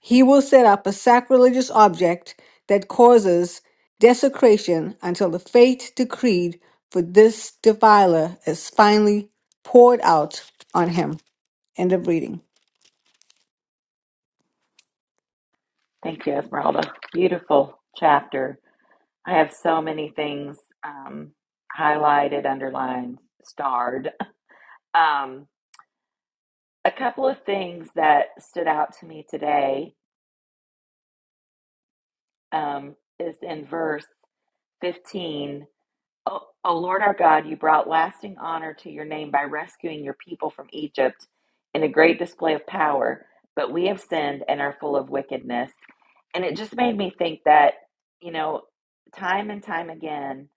He will set up a sacrilegious object that causes desecration until the fate decreed for this defiler is finally poured out on him. End of reading. Thank you, Esmeralda. Beautiful chapter. I have so many things um, highlighted, underlined, starred. Um, a couple of things that stood out to me today um, is in verse 15 O, o Lord our God, you brought lasting honor to your name by rescuing your people from Egypt in a great display of power, but we have sinned and are full of wickedness. And it just made me think that, you know, time and time again,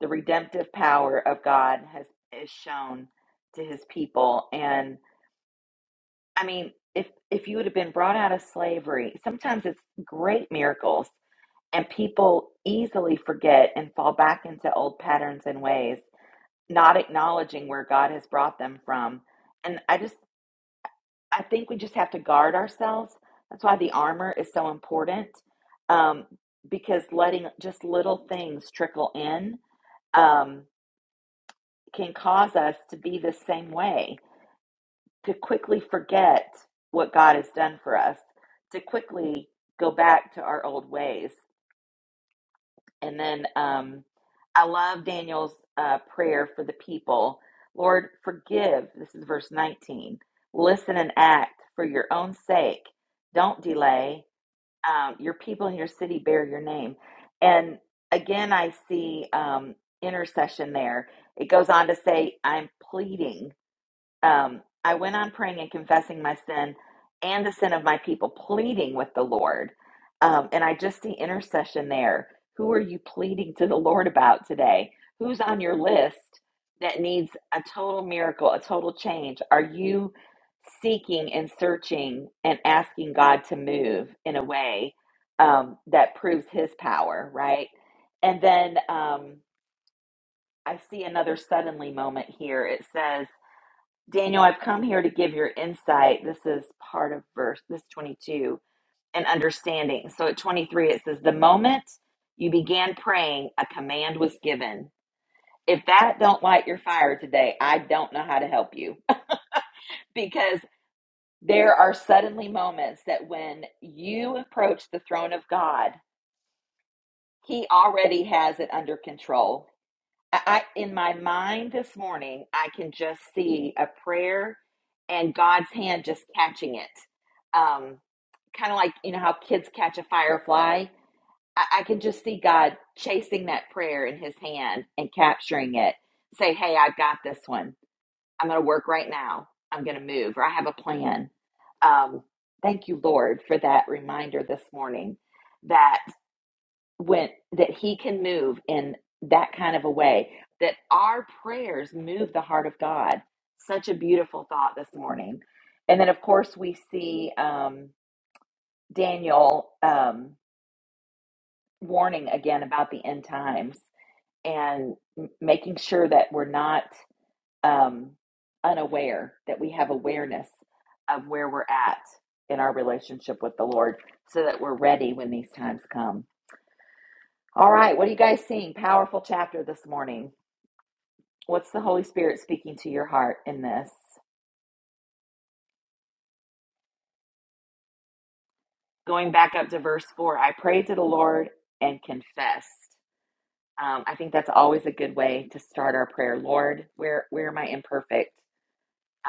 the redemptive power of God has is shown to his people. And I mean, if if you would have been brought out of slavery, sometimes it's great miracles and people easily forget and fall back into old patterns and ways not acknowledging where God has brought them from. And I just, I think we just have to guard ourselves. That's why the armor is so important um, because letting just little things trickle in um, can cause us to be the same way, to quickly forget what God has done for us, to quickly go back to our old ways. And then um, I love Daniel's uh, prayer for the people. Lord, forgive. This is verse 19. Listen and act for your own sake. Don't delay. Um, your people in your city bear your name. And again, I see um, intercession there. It goes on to say, I'm pleading um, I went on praying and confessing my sin and the sin of my people, pleading with the Lord. Um, and I just see intercession there. Who are you pleading to the Lord about today? Who's on your list that needs a total miracle, a total change? Are you seeking and searching and asking God to move in a way um, that proves His power, right? And then um, I see another suddenly moment here. It says, Daniel, I've come here to give your insight. This is part of verse this 22 and understanding. So at 23 it says the moment you began praying, a command was given. If that don't light your fire today, I don't know how to help you because there are suddenly moments that when you approach the throne of God, he already has it under control I in my mind this morning, I can just see a prayer and God's hand just catching it. Um, kind of like you know how kids catch a firefly. I, I can just see God chasing that prayer in his hand and capturing it. Say, hey, I've got this one. I'm gonna work right now. I'm gonna move, or I have a plan. Um, thank you, Lord, for that reminder this morning that when that he can move in that kind of a way that our prayers move the heart of god such a beautiful thought this morning and then of course we see um, daniel um, warning again about the end times and m- making sure that we're not um, unaware that we have awareness of where we're at in our relationship with the lord so that we're ready when these times come All right, what are you guys seeing? Powerful chapter this morning. What's the Holy Spirit speaking to your heart in this? Going back up to verse 4, I prayed to the Lord and confessed. Um, I think that's always a good way to start our prayer. Lord, where, where am I imperfect?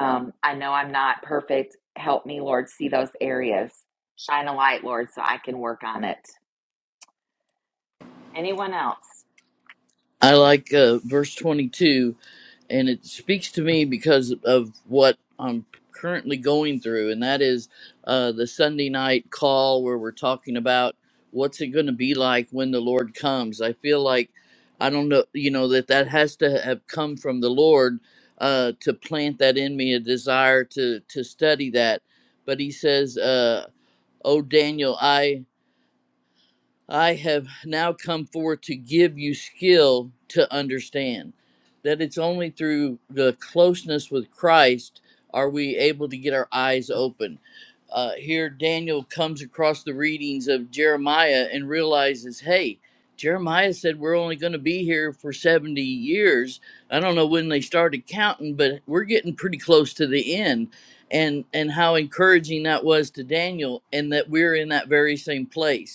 Um, I know I'm not perfect. Help me, Lord, see those areas. Shine a light, Lord, so I can work on it. Anyone else? I like uh, verse 22, and it speaks to me because of what I'm currently going through, and that is uh, the Sunday night call where we're talking about what's it going to be like when the Lord comes. I feel like I don't know, you know, that that has to have come from the Lord uh, to plant that in me, a desire to to study that. But He says. Uh, Oh, Daniel, I. I have now come forward to give you skill to understand that it's only through the closeness with Christ are we able to get our eyes open. Uh, here, Daniel comes across the readings of Jeremiah and realizes, hey, Jeremiah said we're only going to be here for 70 years. I don't know when they started counting, but we're getting pretty close to the end. And, and how encouraging that was to Daniel, and that we're in that very same place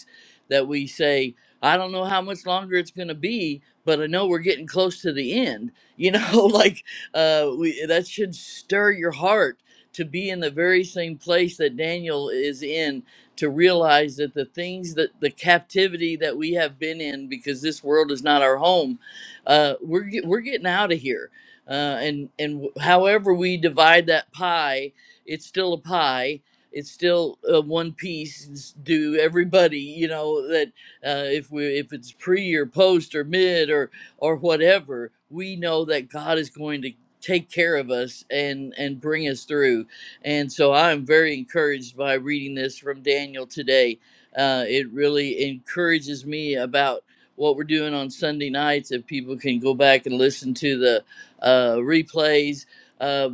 that we say, I don't know how much longer it's going to be, but I know we're getting close to the end. You know, like uh, we, that should stir your heart to be in the very same place that Daniel is in, to realize that the things that the captivity that we have been in, because this world is not our home, uh, we're, get, we're getting out of here. Uh, and and however we divide that pie, it's still a pie, it's still uh, one piece it's due everybody you know that uh, if we if it's pre or post or mid or or whatever we know that god is going to take care of us and and bring us through and so i'm very encouraged by reading this from daniel today uh, it really encourages me about what we're doing on sunday nights if people can go back and listen to the uh, replays Uh,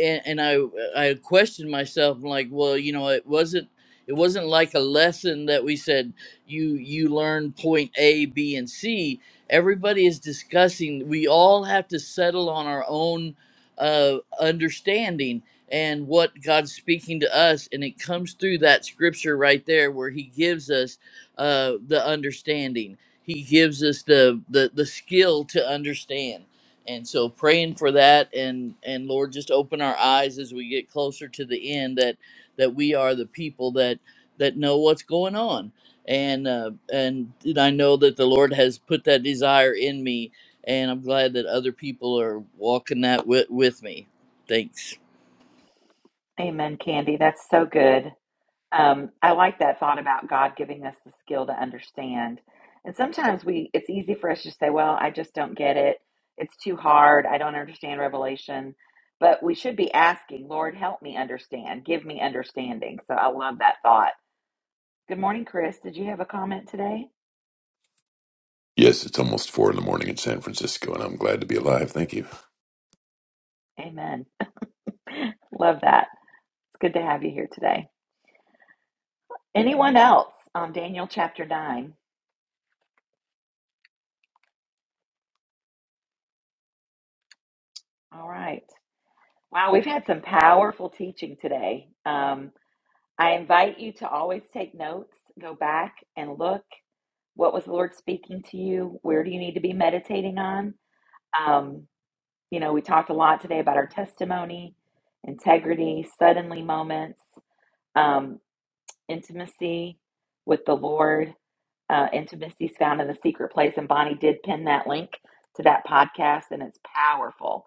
and, and I I questioned myself I'm like, well, you know, it wasn't it wasn't like a lesson that we said you you learn point A, B, and C. Everybody is discussing. We all have to settle on our own uh, understanding and what God's speaking to us, and it comes through that scripture right there where He gives us uh, the understanding. He gives us the the the skill to understand and so praying for that and and lord just open our eyes as we get closer to the end that that we are the people that that know what's going on and uh and, and i know that the lord has put that desire in me and i'm glad that other people are walking that with, with me thanks Amen, Candy. That's so good. Um, I like that thought about God giving us the skill to understand. And sometimes we it's easy for us to say, well, I just don't get it. It's too hard. I don't understand revelation. But we should be asking, Lord, help me understand. Give me understanding. So I love that thought. Good morning, Chris. Did you have a comment today? Yes, it's almost four in the morning in San Francisco, and I'm glad to be alive. Thank you. Amen. Love that. It's good to have you here today. Anyone else on Daniel chapter 9? All right. Wow, we've had some powerful teaching today. Um, I invite you to always take notes, go back and look. What was the Lord speaking to you? Where do you need to be meditating on? Um, you know, we talked a lot today about our testimony, integrity, suddenly moments, um, intimacy with the Lord uh, Intimacy is Found in the Secret Place. And Bonnie did pin that link to that podcast, and it's powerful.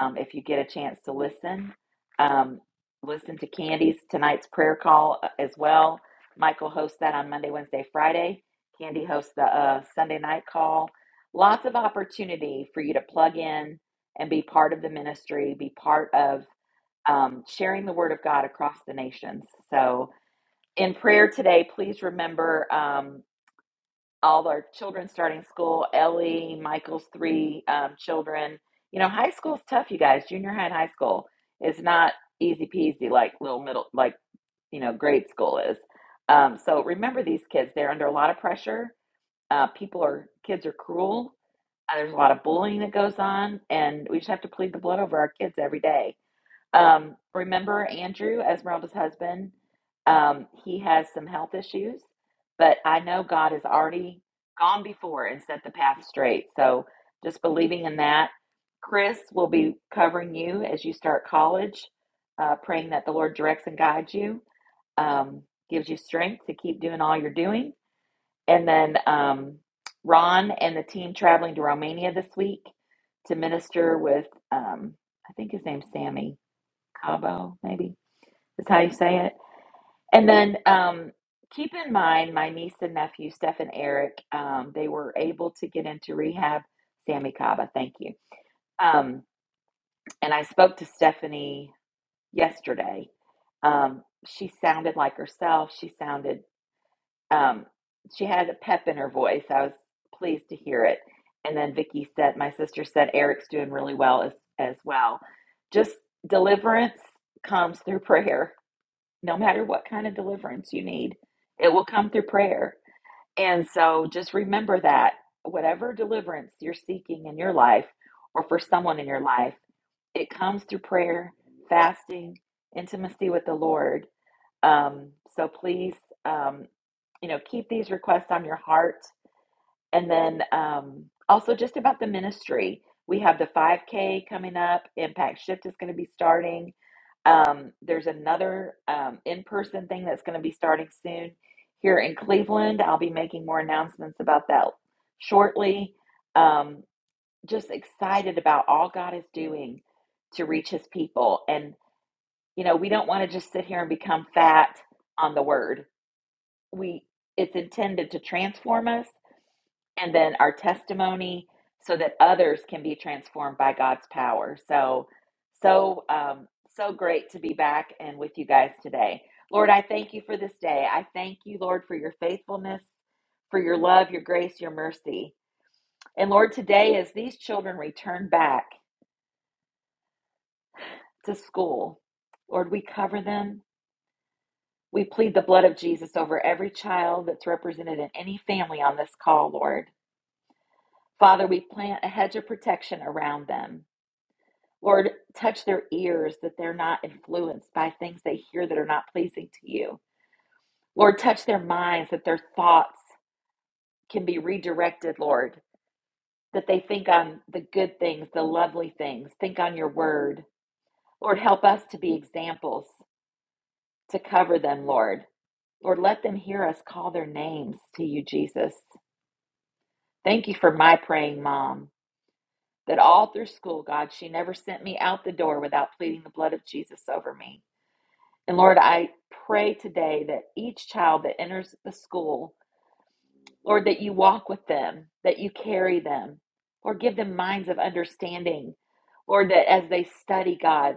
Um, if you get a chance to listen, um, listen to Candy's tonight's prayer call uh, as well. Michael hosts that on Monday, Wednesday, Friday. Candy hosts the uh, Sunday night call. Lots of opportunity for you to plug in and be part of the ministry, be part of um, sharing the word of God across the nations. So, in prayer today, please remember. Um, all our children starting school. Ellie, Michael's three um, children. You know, high school's tough, you guys. Junior high and high school is not easy peasy like little middle, like, you know, grade school is. Um, so remember these kids, they're under a lot of pressure. Uh, people are, kids are cruel. Uh, there's a lot of bullying that goes on, and we just have to plead the blood over our kids every day. Um, remember Andrew, Esmeralda's husband? Um, he has some health issues, but I know God has already gone before and set the path straight. So just believing in that. Chris will be covering you as you start college, uh, praying that the Lord directs and guides you, um, gives you strength to keep doing all you're doing. And then um, Ron and the team traveling to Romania this week to minister with, um, I think his name's Sammy Cabo, maybe is how you say it. And then um, keep in mind my niece and nephew, Steph and Eric, um, they were able to get into rehab. Sammy Caba, thank you. Um, and I spoke to Stephanie yesterday. Um, she sounded like herself. She sounded, um, she had a pep in her voice. I was pleased to hear it. And then Vicky said, my sister said, Eric's doing really well as, as well. Just deliverance comes through prayer no matter what kind of deliverance you need, it will come through prayer. And so just remember that whatever deliverance you're seeking in your life or for someone in your life, it comes through prayer, fasting, intimacy with the Lord. Um, so please, um, you know, keep these requests on your heart. And then um, also just about the ministry, we have the 5K coming up, Impact Shift is going to be starting um, there's another um, in person thing that's going to be starting soon here in Cleveland. I'll be making more announcements about that shortly. Um, just excited about all God is doing to reach his people. And, you know, we don't want to just sit here and become fat on the word. We it's intended to transform us and then our testimony so that others can be transformed by God's power. So, so, um, so great to be back and with you guys today. Lord, I thank you for this day. I thank you, Lord, for your faithfulness, for your love, your grace, your mercy. And Lord, today, as these children return back to school, Lord, we cover them. We plead the blood of Jesus over every child that's represented in any family on this call, Lord. Father, we plant a hedge of protection around them. Lord, touch their ears that they're not influenced by things they hear that are not pleasing to you. Lord, touch their minds that their thoughts can be redirected, Lord, that they think on the good things, the lovely things, think on your word. Lord, help us to be examples to cover them, Lord. Lord, let them hear us call their names to you, Jesus. Thank you for my praying mom, that all through school, God, she never sent me out the door without pleading the blood of Jesus over me. And Lord, I pray today that each child that enters the school, Lord, that you walk with them, that you carry them, Lord, give them minds of understanding. Lord, that as they study, God,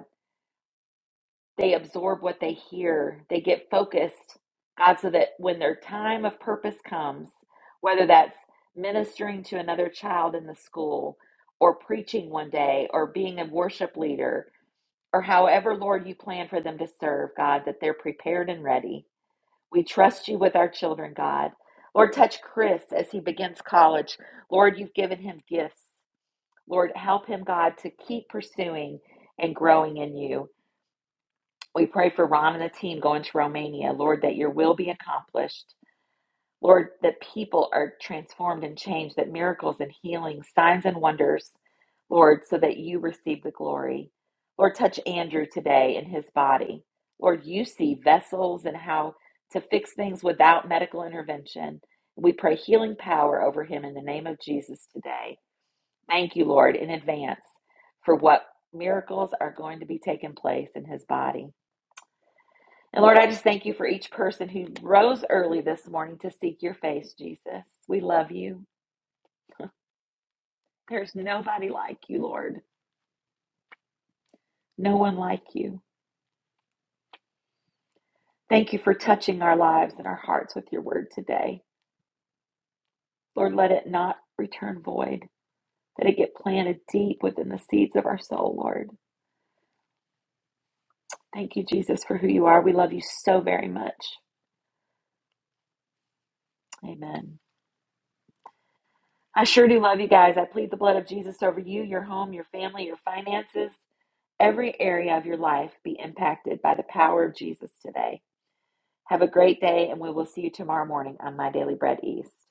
they absorb what they hear, they get focused, God, so that when their time of purpose comes, whether that's ministering to another child in the school, or preaching one day, or being a worship leader, or however, Lord, you plan for them to serve, God, that they're prepared and ready. We trust you with our children, God. Lord, touch Chris as he begins college. Lord, you've given him gifts. Lord, help him, God, to keep pursuing and growing in you. We pray for Ron and the team going to Romania, Lord, that your will be accomplished. Lord, that people are transformed and changed, that miracles and healings, signs and wonders, Lord, so that you receive the glory. Lord, touch Andrew today in his body. Lord, you see vessels and how to fix things without medical intervention. We pray healing power over him in the name of Jesus today. Thank you, Lord, in advance for what miracles are going to be taking place in his body. And Lord, I just thank you for each person who rose early this morning to seek your face, Jesus. We love you. There's nobody like you, Lord. No one like you. Thank you for touching our lives and our hearts with your word today. Lord, let it not return void, that it get planted deep within the seeds of our soul, Lord. Thank you, Jesus, for who you are. We love you so very much. Amen. I sure do love you guys. I plead the blood of Jesus over you, your home, your family, your finances. every area of your life be impacted by the power of Jesus today. Have a great day, and we will see you tomorrow morning on My Daily Bread East.